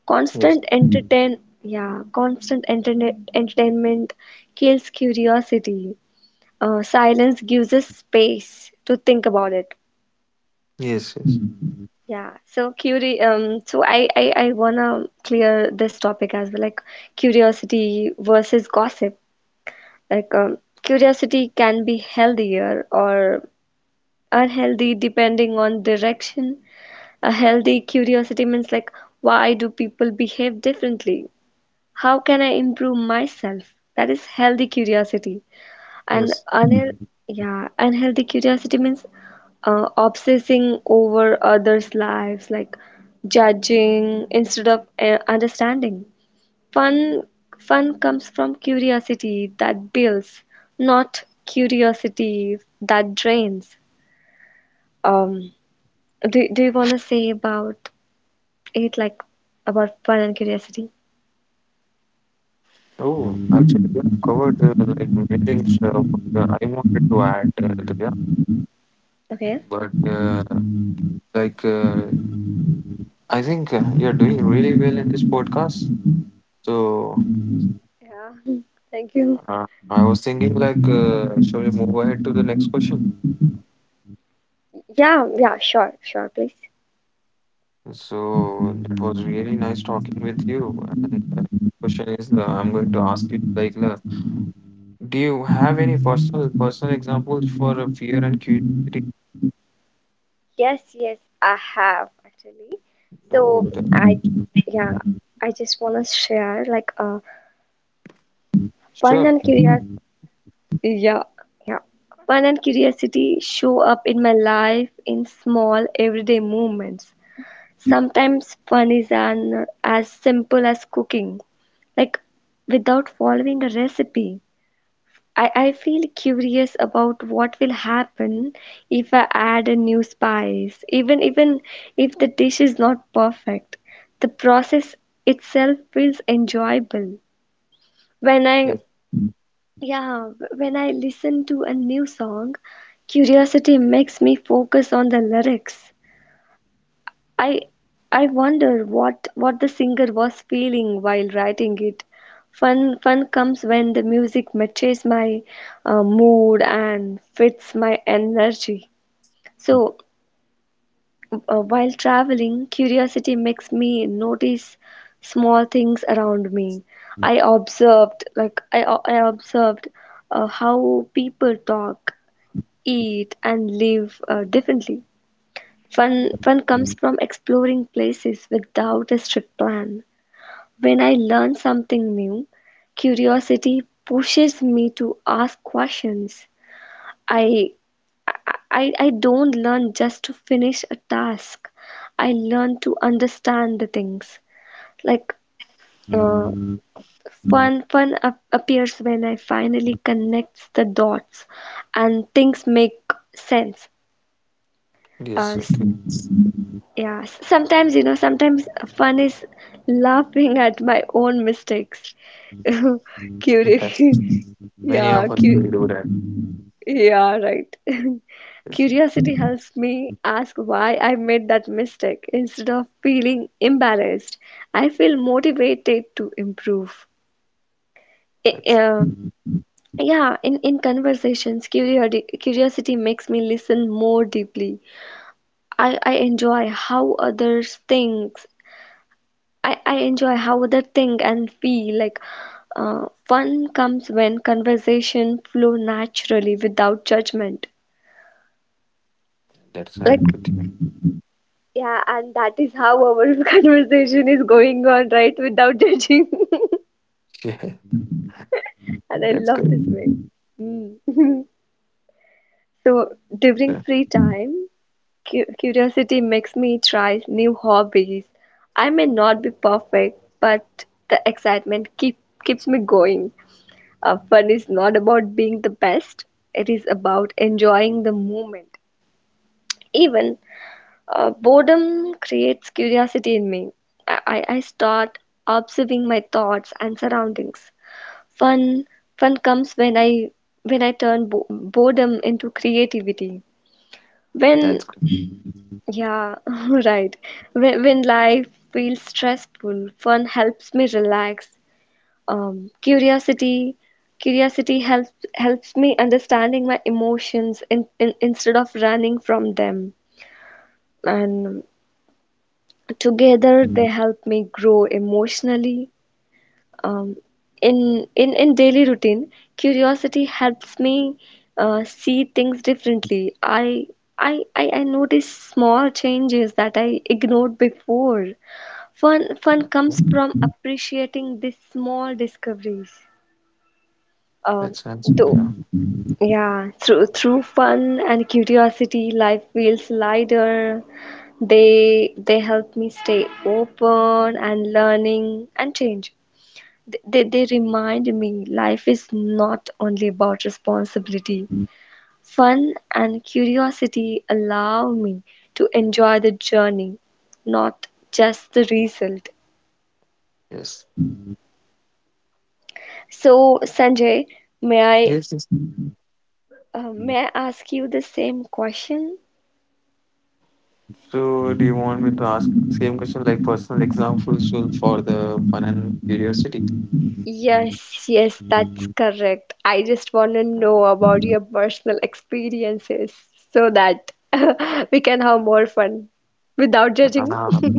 [SPEAKER 2] Constant
[SPEAKER 1] Yes,
[SPEAKER 2] entertain Yeah, constant entertainment kills curiosity. Silence gives us space to think about it.
[SPEAKER 1] yes, yes,
[SPEAKER 2] Yeah, so curi I wanna clear this topic as well, like curiosity versus gossip. Like curiosity can be healthier or unhealthy depending on direction. A healthy curiosity means, like, why do people behave differently? How can I improve myself? That is healthy curiosity. And
[SPEAKER 1] yes.
[SPEAKER 2] unheal yeah, unhealthy curiosity means obsessing over others' lives, like judging instead of understanding. Fun, Fun comes from curiosity that builds, not curiosity that drains. Um, do you want to say about it, like about fun and curiosity?
[SPEAKER 1] Oh, actually we have covered like many things what, I wanted to add to, yeah,
[SPEAKER 2] Okay.
[SPEAKER 1] but like uh, I think you're doing really well in this podcast, so.
[SPEAKER 2] Yeah. Thank you.
[SPEAKER 1] I was thinking like, shall we move ahead to the next question?
[SPEAKER 2] Yeah, yeah, sure, sure, please.
[SPEAKER 1] So it was really nice talking with you. And the next question is, I'm going to ask you like, do you have any personal examples for fear and curiosity?
[SPEAKER 2] Yes, yes, I have actually.
[SPEAKER 1] No,
[SPEAKER 2] So
[SPEAKER 1] that,
[SPEAKER 2] I, yeah, I just wanna share like fun
[SPEAKER 1] sure.
[SPEAKER 2] and curiosity. Yeah, yeah, fun and curiosity show up in my life in small everyday moments. Sometimes fun is an as simple as cooking, like without following a recipe. I feel curious about what will happen if I add a new spice, even if the dish is not perfect. The process itself feels enjoyable. When I
[SPEAKER 1] Yes,
[SPEAKER 2] Yeah, when I listen to a new song, curiosity makes me focus on the lyrics. I I wonder what the singer was feeling while writing it. Fun comes when the music matches my mood and fits my energy. So while traveling, curiosity makes me notice small things around me. I observed how people talk, eat, and live differently. Fun comes from exploring places without a strict plan. When I learn something new, curiosity pushes me to ask questions. I, I, I don't learn just to finish a task. I learn to understand the things. Like uh, fun appears when I finally connects the dots, and things make sense. Uh,
[SPEAKER 1] yes, okay.
[SPEAKER 2] Yeah, sometimes, you know, sometimes fun is laughing at my own mistakes. Curious.
[SPEAKER 1] That's many
[SPEAKER 2] Yeah,
[SPEAKER 1] of us will do that.
[SPEAKER 2] yeah, right.
[SPEAKER 1] Yes,
[SPEAKER 2] Curiosity helps me ask why I made that mistake instead of feeling embarrassed. I feel motivated to improve. I-
[SPEAKER 1] that's
[SPEAKER 2] uh, yeah, in conversations, curiosity makes me listen more deeply. I, I enjoy how others think I enjoy how they think and feel. Like fun comes when conversation flow naturally without judgment.
[SPEAKER 1] that's
[SPEAKER 2] Like
[SPEAKER 1] not good.
[SPEAKER 2] yeah, and that is how our conversation is going on right without judging.
[SPEAKER 1] Yeah,
[SPEAKER 2] And I
[SPEAKER 1] that's
[SPEAKER 2] love
[SPEAKER 1] good.
[SPEAKER 2] this way. Mm. So during
[SPEAKER 1] Yeah,
[SPEAKER 2] free time curiosity makes me try new hobbies. I may not be perfect, but the excitement keeps me going. Fun is not about being the best, it is about enjoying the moment. Even boredom creates curiosity in me. I start observing my thoughts and surroundings. Fun Fun comes when I turn boredom into creativity. When
[SPEAKER 1] that's good.
[SPEAKER 2] Yeah, right, when life feels stressful, fun helps me relax. um, curiosity Curiosity helps me understanding my emotions, instead of running from them, and together they help me grow emotionally. Um, in daily routine curiosity helps me see things differently. I notice small changes that I ignored before. Fun
[SPEAKER 1] Yeah,
[SPEAKER 2] comes from appreciating these small discoveries. Um,
[SPEAKER 1] that's answer.
[SPEAKER 2] though
[SPEAKER 1] Yeah.
[SPEAKER 2] Yeah, through fun and curiosity, life feels lighter. They help me stay open and learning and change. They remind me life is not only about responsibility. Fun and curiosity allow me to enjoy the journey, not just the result.
[SPEAKER 1] Yes.
[SPEAKER 2] So Sanjay, may I
[SPEAKER 1] Yes. Yes.
[SPEAKER 2] may I ask you the same question?
[SPEAKER 1] So, do you want me to ask the same question, like personal examples so for the fun and curiosity?
[SPEAKER 2] Yes, yes, that's correct. I just want to
[SPEAKER 1] Uh,
[SPEAKER 2] know about your personal experiences so that we can have more fun without judging.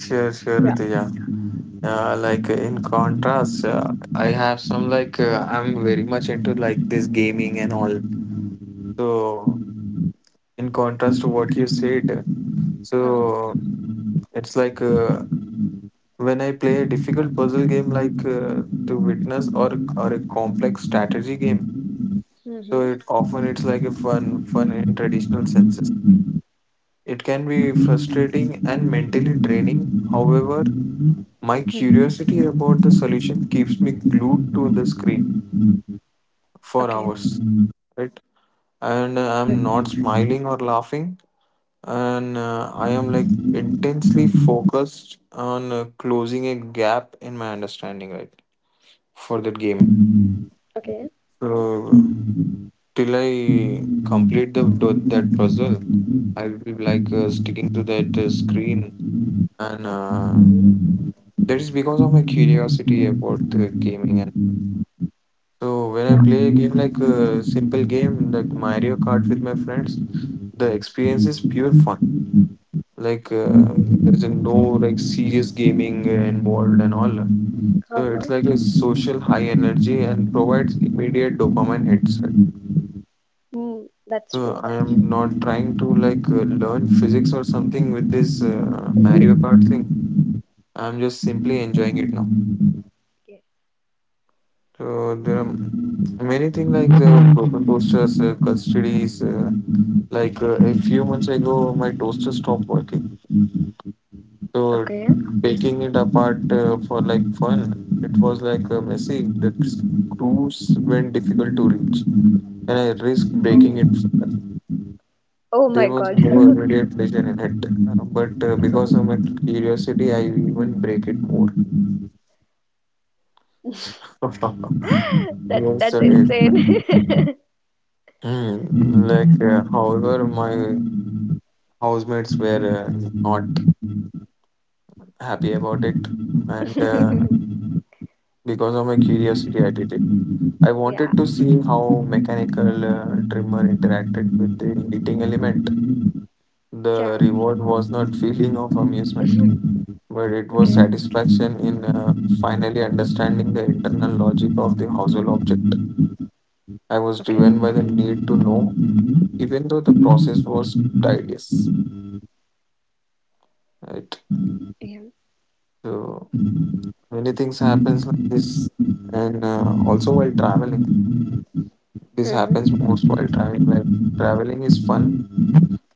[SPEAKER 1] sure, sure,
[SPEAKER 2] Yeah.
[SPEAKER 1] Rituja. In contrast, I have some I'm very much into like this gaming and all. So, in contrast to what you said,
[SPEAKER 2] Uh-huh.
[SPEAKER 1] so it's when I play a difficult puzzle game, to witness or a complex strategy game. So
[SPEAKER 2] Mm-hmm.
[SPEAKER 1] it's like a fun in traditional senses. It can be frustrating and mentally draining. However, my
[SPEAKER 2] Mm-hmm.
[SPEAKER 1] curiosity about the solution keeps me glued to the screen for
[SPEAKER 2] Okay,
[SPEAKER 1] hours, right? And
[SPEAKER 2] that's
[SPEAKER 1] I'm not
[SPEAKER 2] good.
[SPEAKER 1] smiling or laughing, and I am like intensely focused on closing a gap in my understanding, right, for that game.
[SPEAKER 2] Okay.
[SPEAKER 1] So till I complete the that puzzle, I'll be sticking to that screen, and that is because of my curiosity about gaming. And so when I
[SPEAKER 2] Yeah.
[SPEAKER 1] play a game like a simple game like Mario Kart with my friends, the experience is pure fun. Like uh, there's a no like serious gaming involved and all. So it's like
[SPEAKER 2] Uh-huh.
[SPEAKER 1] a social high energy and provides immediate dopamine hits.
[SPEAKER 2] Mm, that's
[SPEAKER 1] So
[SPEAKER 2] true.
[SPEAKER 1] I am not trying to learn physics or something with this Mario Kart
[SPEAKER 2] Mhm.
[SPEAKER 1] thing. I'm just simply enjoying it now.
[SPEAKER 2] Okay.
[SPEAKER 1] So there are many things like the broken toasters, custodies. A few months ago, my toaster stopped working. So
[SPEAKER 2] Okay.
[SPEAKER 1] taking it apart for like fun, it was messy. The screws went difficult to reach, and I risked breaking
[SPEAKER 2] Oh.
[SPEAKER 1] it.
[SPEAKER 2] Oh
[SPEAKER 1] There
[SPEAKER 2] my
[SPEAKER 1] was
[SPEAKER 2] God.
[SPEAKER 1] no immediate pleasure in it, but because of my curiosity, I even break it more.
[SPEAKER 2] That
[SPEAKER 1] Yes,
[SPEAKER 2] that's
[SPEAKER 1] sir. Yes, sir.
[SPEAKER 2] insane.
[SPEAKER 1] Like, however, my housemates were not happy about it, and because of my curiosity, I did it. I
[SPEAKER 2] Yeah.
[SPEAKER 1] wanted to see how mechanical trimmer interacted with the heating element. The
[SPEAKER 2] Yeah.
[SPEAKER 1] reward was not feeling of amusement, but it was
[SPEAKER 2] Okay.
[SPEAKER 1] satisfaction in finally understanding the internal logic of the household object. I was
[SPEAKER 2] Okay.
[SPEAKER 1] driven by the need to know, even though the process was tedious. Right.
[SPEAKER 2] Yeah.
[SPEAKER 1] So many things happens like this, and also while traveling, this happens
[SPEAKER 2] Mm-hmm.
[SPEAKER 1] most while traveling. Like traveling is fun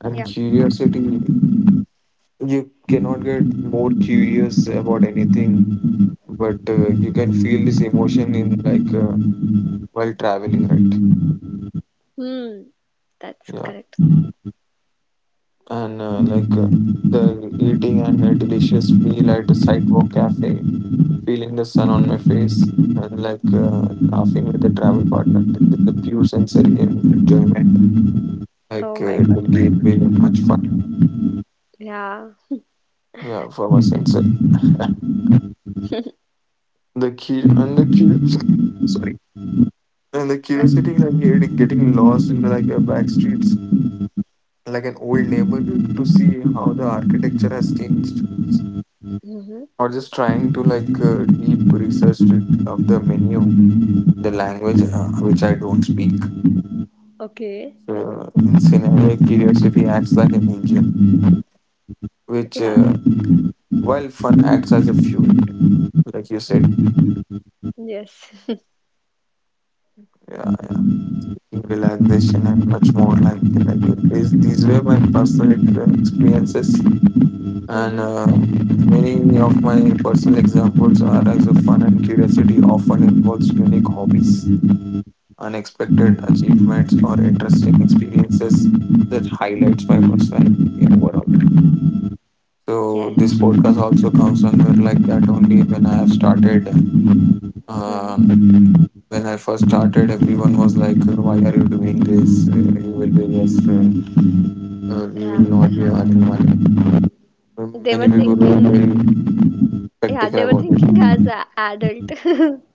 [SPEAKER 1] and
[SPEAKER 2] Yeah.
[SPEAKER 1] curiosity. You cannot get more curious about anything, but you can feel this emotion in while traveling, right?
[SPEAKER 2] Hmm. That's
[SPEAKER 1] Yeah.
[SPEAKER 2] correct.
[SPEAKER 1] And the eating and a delicious meal at a sidewalk cafe, feeling the sun on my face, and laughing with the travel partner. This is a pure sensory enjoyment.
[SPEAKER 2] Oh my
[SPEAKER 1] It will
[SPEAKER 2] god.
[SPEAKER 1] be, it will be much fun.
[SPEAKER 2] Yeah.
[SPEAKER 1] Yeah, for my sensor, the key and the cur sorry, and the curiosity like getting lost in like a back streets, like an old neighborhood to see how the architecture has changed,
[SPEAKER 2] Mm-hmm.
[SPEAKER 1] or just trying to deep research to, of the menu, the language which I don't speak.
[SPEAKER 2] Okay.
[SPEAKER 1] So in scenario curiosity acts like an engine which
[SPEAKER 2] Yeah.
[SPEAKER 1] while fun acts as a fuel, like you said.
[SPEAKER 2] Yes.
[SPEAKER 1] Yeah, yeah. In relaxation and much more, like you, these were my personal experiences, and
[SPEAKER 2] Mm-hmm.
[SPEAKER 1] many of my personal examples are as a fun and curiosity often involves unique hobbies, unexpected achievements, or interesting experiences that highlights my personality overall. So
[SPEAKER 2] Yes.
[SPEAKER 1] this podcast also comes under like that only when I have started. Um,
[SPEAKER 2] Mm-hmm.
[SPEAKER 1] when I first started, everyone was like, "Why are you doing this? You will be just, you will
[SPEAKER 2] Yeah.
[SPEAKER 1] not be earning money."
[SPEAKER 2] They
[SPEAKER 1] Many
[SPEAKER 2] were
[SPEAKER 1] people were very
[SPEAKER 2] thinking. Yeah,
[SPEAKER 1] skeptical
[SPEAKER 2] they were
[SPEAKER 1] about it.
[SPEAKER 2] thinking as a adult.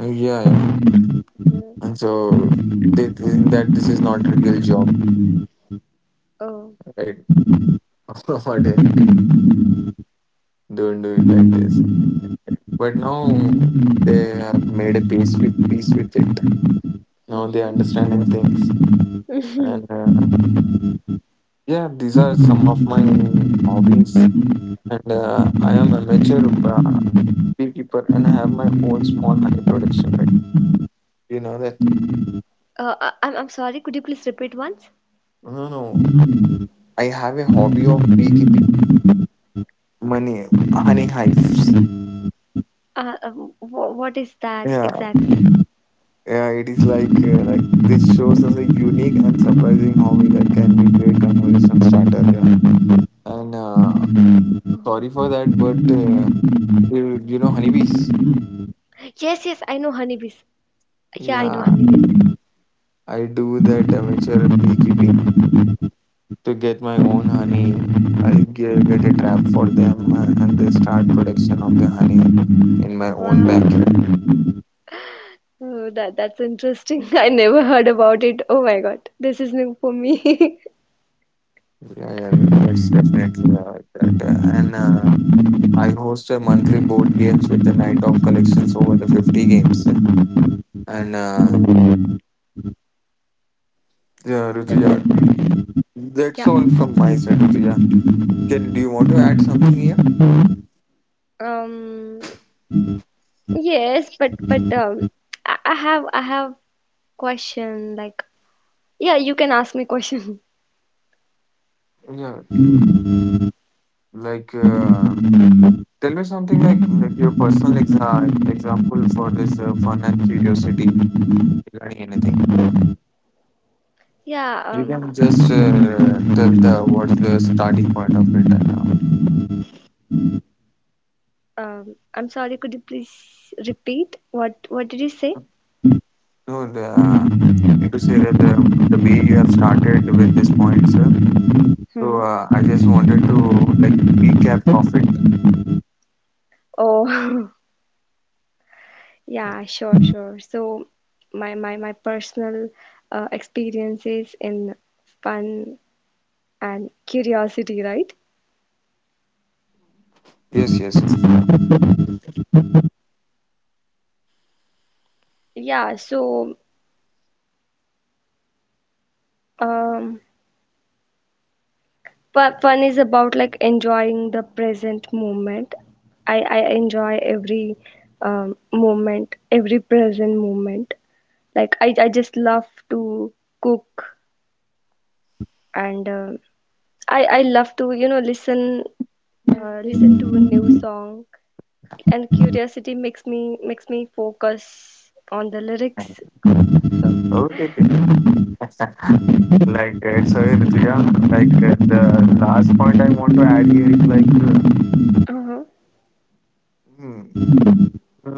[SPEAKER 1] Yeah, yeah,
[SPEAKER 2] Mm.
[SPEAKER 1] and so they think that this is not a real job,
[SPEAKER 2] Oh.
[SPEAKER 1] right? What are you doing? Don't do it like this. But now they have made a peace with it. Now they are understanding things,
[SPEAKER 2] Mm-hmm.
[SPEAKER 1] and yeah, these are some of my hobbies. And I am amateur beekeeper, and I have my own small honey production. Right? You know that?
[SPEAKER 2] I'm sorry. Could you please repeat once?
[SPEAKER 1] No, no. I have a hobby of beekeeping, money, honey hives.
[SPEAKER 2] What is that
[SPEAKER 1] Yeah,
[SPEAKER 2] exactly?
[SPEAKER 1] yeah. It is like this shows us a unique and surprising hobby that can be great conversation starter. Yeah and
[SPEAKER 2] Oh.
[SPEAKER 1] sorry for that, but you know honeybees.
[SPEAKER 2] Yes, yes. I know honeybees. Yeah, I know
[SPEAKER 1] Yeah,
[SPEAKER 2] honeybees.
[SPEAKER 1] I do that amateur beekeeping to get my own honey. I get a trap for them, and they start production of the honey in my own
[SPEAKER 2] Wow.
[SPEAKER 1] backyard.
[SPEAKER 2] Oh, that's interesting. I never heard about it. Oh my god. This is new for me.
[SPEAKER 1] Yeah, yeah, that's definitely like that. And I host a monthly board games with a night of collections over the 50 games. And
[SPEAKER 2] Oh.
[SPEAKER 1] Yeah, Rutuja,
[SPEAKER 2] Yeah.
[SPEAKER 1] that's all from my side, Rutuja. Can do you want to add something here?
[SPEAKER 2] Um. Yes, but I have question. Like, yeah, you can ask me question.
[SPEAKER 1] Yeah. Like, uh, Tell me something like, your personal example for this fun and curiosity regarding anything.
[SPEAKER 2] Yeah.
[SPEAKER 1] You can just tell the what's the starting point of it. Uh,
[SPEAKER 2] I'm sorry. Could you please repeat? What did you say?
[SPEAKER 1] no, the I need to say that the way you have started with this point, sir.
[SPEAKER 2] Hmm.
[SPEAKER 1] So I just wanted to like recap of it.
[SPEAKER 2] Oh. Yeah. Sure. Sure. So, my personal experiences in fun and curiosity, right?
[SPEAKER 1] Yes, yes, yes.
[SPEAKER 2] Yeah. So, um, fun is about like enjoying the present moment. I enjoy every present moment. Like I just love to cook, and I love to you know listen to a new song, and curiosity makes me focus on the lyrics. So
[SPEAKER 1] Okay, okay. So Rituja, the last point I want to add here is
[SPEAKER 2] uh-huh.
[SPEAKER 1] hmm,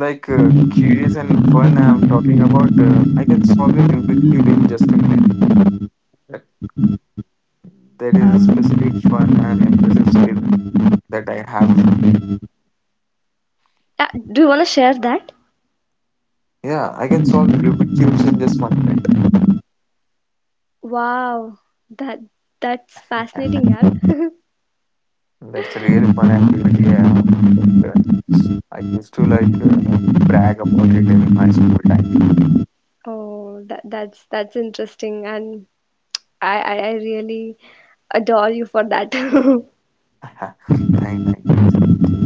[SPEAKER 1] curious and fun I'm talking about. I can solve a Rubik's cube in just a minute. That, that is a
[SPEAKER 2] Um,
[SPEAKER 1] specific fun and impressive skill that I have.
[SPEAKER 2] yeah, do you want to share that?
[SPEAKER 1] Yeah, I can solve Rubik's cubes in just 1 minute.
[SPEAKER 2] Wow, that that's fascinating,
[SPEAKER 1] Yeah,
[SPEAKER 2] yeah.
[SPEAKER 1] that's a really fun activity. Yeah, like, uh, I used to brag about it in my school time.
[SPEAKER 2] Oh, that's interesting, and I really adore you for that.
[SPEAKER 1] Thank you, Rituja.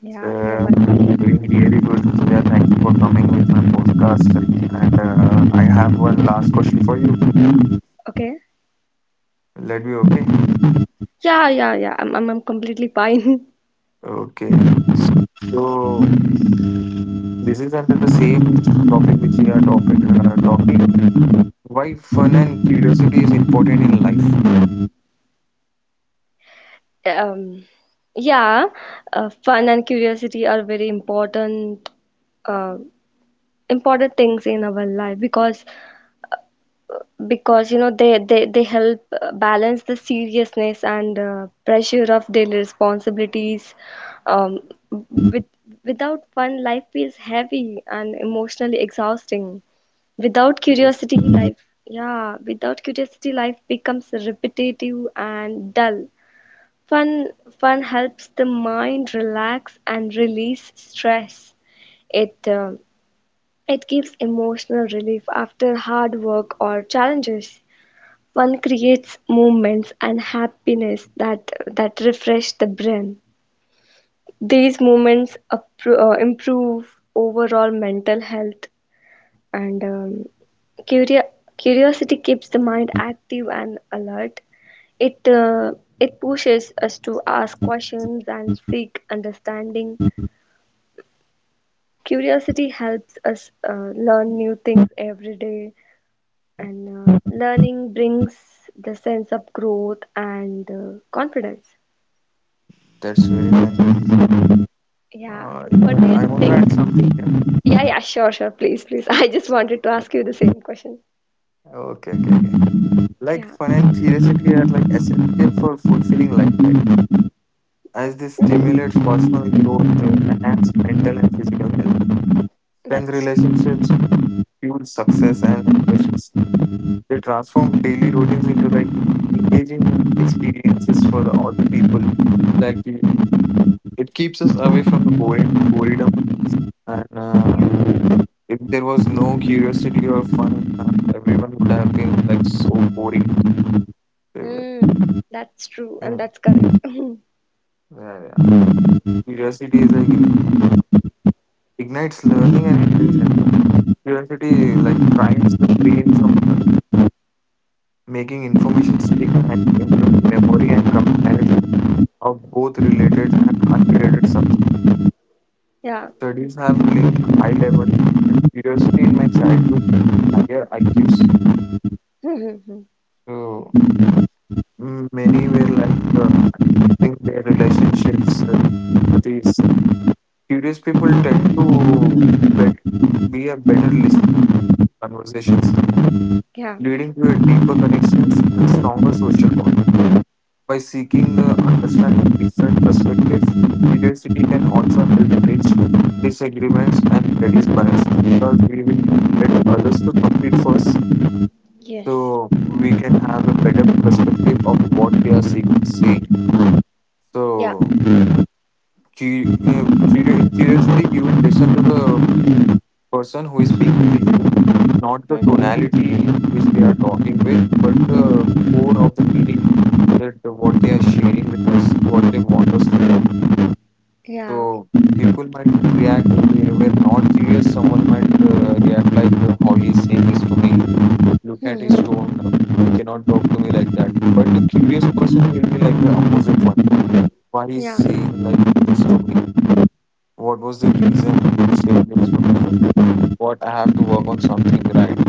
[SPEAKER 2] Yeah, you're welcome.
[SPEAKER 1] We're doing really good, Priya. Thank you for coming with my podcast. And I have one last question for you.
[SPEAKER 2] Okay.
[SPEAKER 1] Let me, okay?
[SPEAKER 2] Yeah, yeah, yeah. I'm completely fine.
[SPEAKER 1] Okay. So this is under the same topic which we are talking. Why fun and curiosity is important in life?
[SPEAKER 2] Um, yeah, fun and curiosity are very important, uh, important things in our life because you know they help balance the seriousness and pressure of daily responsibilities. Um, with Without fun, life feels heavy and emotionally exhausting. Without curiosity,
[SPEAKER 1] Yes,
[SPEAKER 2] life, yeah, without curiosity, life becomes repetitive and dull. Fun, fun helps the mind relax and release stress. It, uh, it gives emotional relief after hard work or challenges. Fun creates moments and happiness that refresh the brain. These moments improve overall mental health and Curio- curiosity keeps the mind active and alert. It uh, it pushes us to ask questions and seek understanding. Curiosity helps us learn new things every day, and learning brings the sense of growth and confidence.
[SPEAKER 1] that's very nice.
[SPEAKER 2] Yeah. What do you
[SPEAKER 1] Even
[SPEAKER 2] think?
[SPEAKER 1] I want to add something here.
[SPEAKER 2] Yeah, yeah, sure, sure. Please, please. I just wanted to ask you the same question.
[SPEAKER 1] Okay, okay, okay.
[SPEAKER 2] Yeah,
[SPEAKER 1] Like fun and curiosity are like essential for fulfilling life, right? As this stimulates personal growth, enhanced mental and physical health, strength
[SPEAKER 2] that's
[SPEAKER 1] relationships, fuel success and innovations. They transform daily routines into like engaging experiences for all the people. Like uh, it keeps us away from the boring boredom, and
[SPEAKER 2] yeah.
[SPEAKER 1] if there was no curiosity or fun, everyone would have been like so boring. They were-
[SPEAKER 2] Mm, that's true, and
[SPEAKER 1] Yeah,
[SPEAKER 2] that's correct.
[SPEAKER 1] yeah, yeah. Curiosity is like in- ignites learning and intelligence. Curiosity like primes the brain from learning, making information stick and improving memory and comparison of both related and unrelated subjects. Studies have linked high level and curiosity in my childhood to higher IQs.
[SPEAKER 2] yeah.
[SPEAKER 1] So many were think their relationships. With these curious people tend to bet, be a better listener to conversations,
[SPEAKER 2] Yeah,
[SPEAKER 1] leading to a deeper connections and stronger social bonds. By seeking the understanding different perspectives, curiosity can also help bridge disagreements and reduce biases because we will let others to complete first
[SPEAKER 2] yes.
[SPEAKER 1] so we can have a better perspective of what they are saying.
[SPEAKER 2] Yeah.
[SPEAKER 1] So, in curiosity, you will listen to the person who is speaking to you, not the
[SPEAKER 2] Mhm.
[SPEAKER 1] tonality which they are talking with, but the core of the meaning that what they are sharing with us, what they want us to know.
[SPEAKER 2] Yeah.
[SPEAKER 1] So people might react if they were not serious. Someone might react like, "How he is saying this to me? Look at his
[SPEAKER 2] Mhm.
[SPEAKER 1] tone. You cannot talk to me like that." But the curious person will be like the opposite one. Why he's
[SPEAKER 2] Yeah.
[SPEAKER 1] saying like this to me? What was the reason he said this to me? What I have to work on something, right?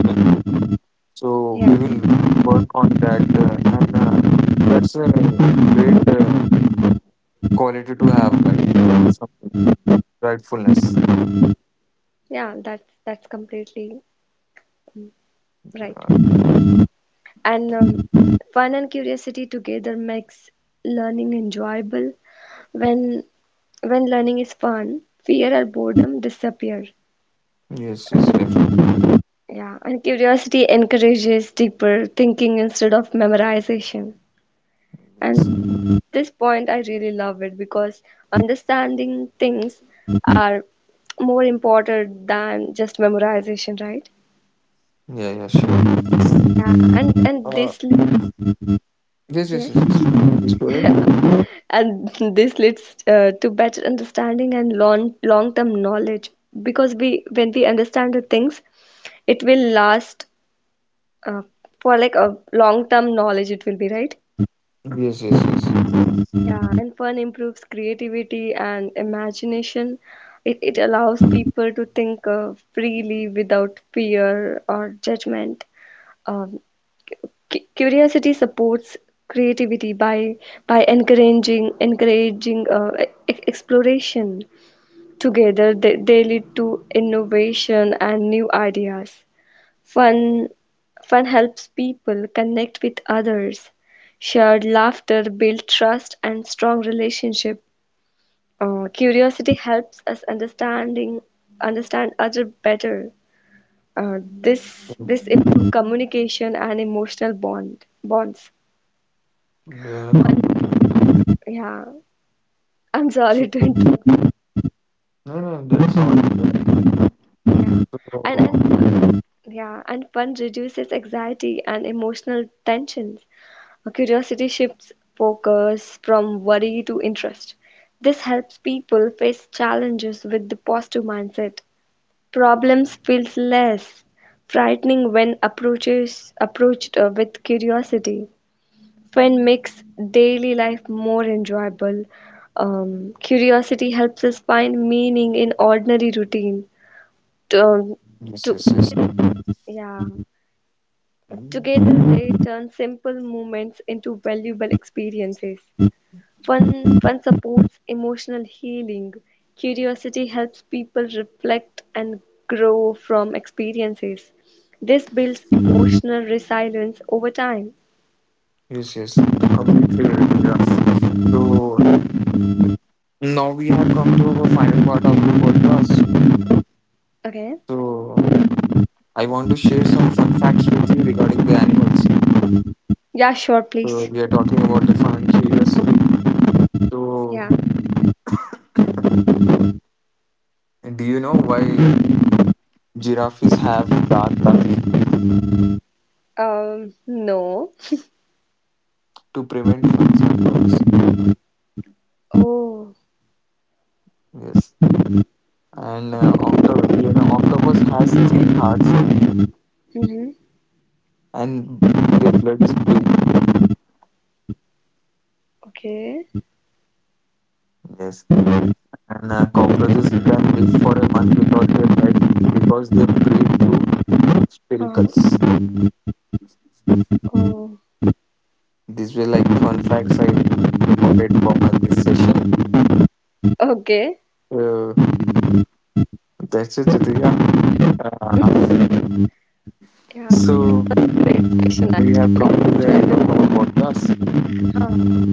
[SPEAKER 1] So we
[SPEAKER 2] Yeah.
[SPEAKER 1] will work on that, and that's a great quality to have, like some rightfulness.
[SPEAKER 2] Yeah. That's completely right.
[SPEAKER 1] uh,
[SPEAKER 2] And fun and curiosity together makes learning enjoyable. When when learning is fun, fear or boredom disappear.
[SPEAKER 1] Yes, yes, definitely.
[SPEAKER 2] Yeah, and curiosity encourages deeper thinking instead of memorization.
[SPEAKER 1] Yes.
[SPEAKER 2] And this point, I really love it because understanding things are more important than just memorization, right?
[SPEAKER 1] Yeah, yeah, surely.
[SPEAKER 2] Yeah, and
[SPEAKER 1] Uh,
[SPEAKER 2] this leads
[SPEAKER 1] yes, yes,
[SPEAKER 2] yes,
[SPEAKER 1] yes, yes. Please go ahead.
[SPEAKER 2] and this leads to better understanding and long term knowledge because we when we understand the things, it will last uh, for like a long term knowledge. It will be right.
[SPEAKER 1] Yes, yes, yes.
[SPEAKER 2] Yeah, and fun improves creativity and imagination. It allows people to think freely without fear or judgment. Um, Curiosity supports creativity by encouraging exploration. Together, they lead to innovation and new ideas. Fun fun helps people connect with others. Shared laughter builds trust and strong relationship. Curiosity helps us understand other better. This improve communication and emotional bonds.
[SPEAKER 1] The computer.
[SPEAKER 2] One, yeah. I'm
[SPEAKER 1] So,
[SPEAKER 2] sorry to
[SPEAKER 1] no,
[SPEAKER 2] interrupt.
[SPEAKER 1] no, that's all. Yeah.
[SPEAKER 2] Yeah,
[SPEAKER 1] So,
[SPEAKER 2] and yeah, and fun reduces anxiety and emotional tensions. A curiosity shifts focus from worry to interest. This helps people face challenges with the positive mindset. Problems feels less frightening when approaches approached with curiosity. Fun makes daily life more enjoyable. Curiosity helps us find meaning in ordinary routine. To, um,
[SPEAKER 1] yes,
[SPEAKER 2] to,
[SPEAKER 1] yes, yes.
[SPEAKER 2] yeah,
[SPEAKER 1] Mm.
[SPEAKER 2] together they turn simple moments into valuable experiences. Fun supports emotional healing. Curiosity helps people reflect and grow from experiences. This builds emotional resilience over time.
[SPEAKER 1] Yes, yes, completely related, yeah. So, now we have come to our final part of the podcast.
[SPEAKER 2] Okay.
[SPEAKER 1] So, I want to share some fun facts with you regarding the animals.
[SPEAKER 2] Yeah, sure,
[SPEAKER 1] So,
[SPEAKER 2] please.
[SPEAKER 1] we are talking about the fun curiosity.
[SPEAKER 2] Yeah.
[SPEAKER 1] So, do you know why giraffes have dark tongues
[SPEAKER 2] No.
[SPEAKER 1] to prevent from sunburns.
[SPEAKER 2] Oh,
[SPEAKER 1] Yes, and
[SPEAKER 2] okay.
[SPEAKER 1] you know, octopus has 3 hearts,
[SPEAKER 2] Mm-hmm.
[SPEAKER 1] and their blood is blue.
[SPEAKER 2] Okay.
[SPEAKER 1] Yes, and cockroaches can live for a month without their head because they breathe through
[SPEAKER 2] Huh.
[SPEAKER 1] spiracles.
[SPEAKER 2] Oh,
[SPEAKER 1] These were like fun facts I recorded for my this session.
[SPEAKER 2] okay.
[SPEAKER 1] Uh, that's it, Rituja. Uh,
[SPEAKER 2] Yeah.
[SPEAKER 1] so
[SPEAKER 2] It's a Great question,
[SPEAKER 1] we
[SPEAKER 2] actually.
[SPEAKER 1] have come to the
[SPEAKER 2] Enjoy
[SPEAKER 1] end of our
[SPEAKER 2] the-
[SPEAKER 1] podcast.
[SPEAKER 2] Huh.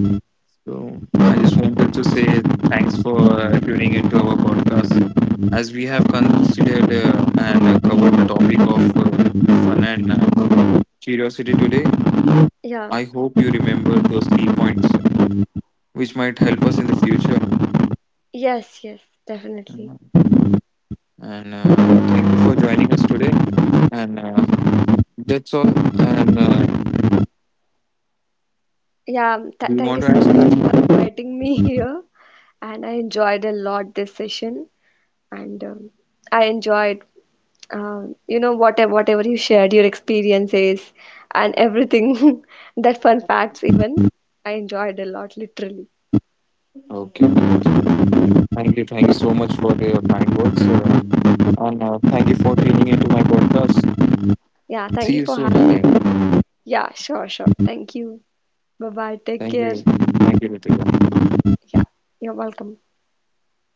[SPEAKER 1] So I just wanted to say thanks for tuning into our podcast. As we have considered and covered the topic of fun and curiosity today,
[SPEAKER 2] Yeah.
[SPEAKER 1] I hope you remember those key points which might help us in the future.
[SPEAKER 2] Yes, yes, definitely.
[SPEAKER 1] Mhm. And Thank you for joining us today. And that's all. And
[SPEAKER 2] Yeah, th
[SPEAKER 1] Do you
[SPEAKER 2] thank you
[SPEAKER 1] want to
[SPEAKER 2] so
[SPEAKER 1] add
[SPEAKER 2] much
[SPEAKER 1] something?
[SPEAKER 2] for inviting me here, and I enjoyed a lot this session, and I enjoyed, um, you know, whatever you shared, your experiences, and everything, that fun facts even. I enjoyed a lot, literally.
[SPEAKER 1] Okay, okay, Ritika. Thank you. Thank you so much for the kind words. And Thank you for tuning into my podcast.
[SPEAKER 2] Yeah, thank
[SPEAKER 1] See
[SPEAKER 2] you
[SPEAKER 1] you
[SPEAKER 2] for
[SPEAKER 1] soon
[SPEAKER 2] having.
[SPEAKER 1] again.
[SPEAKER 2] Me. Yeah, sure, sure. Thank you. Bye bye. Take
[SPEAKER 1] Thank
[SPEAKER 2] care.
[SPEAKER 1] you. Thank you, Ritika.
[SPEAKER 2] Yeah, you're welcome.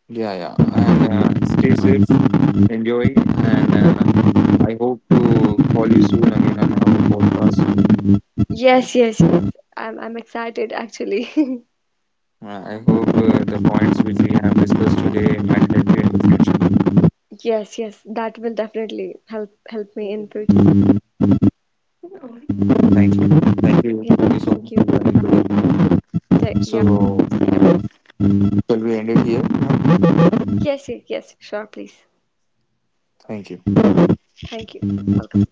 [SPEAKER 1] Yeah, yeah. And Stay safe. Enjoy. And I hope to call you soon again on our podcast. I,
[SPEAKER 2] Yes, yes, yes. I'm excited actually.
[SPEAKER 1] I hope the points which we have discussed today might help you in the future.
[SPEAKER 2] Yes, yes. That will definitely help help me in future.
[SPEAKER 1] Thank you. Thank you. Thank
[SPEAKER 2] Yeah,
[SPEAKER 1] you so
[SPEAKER 2] thank
[SPEAKER 1] much for
[SPEAKER 2] you.
[SPEAKER 1] joining today.
[SPEAKER 2] The, yeah.
[SPEAKER 1] So, shall we end it here now?
[SPEAKER 2] Yes, yes, yes. Sure, please.
[SPEAKER 1] Thank you.
[SPEAKER 2] Thank you. Welcome.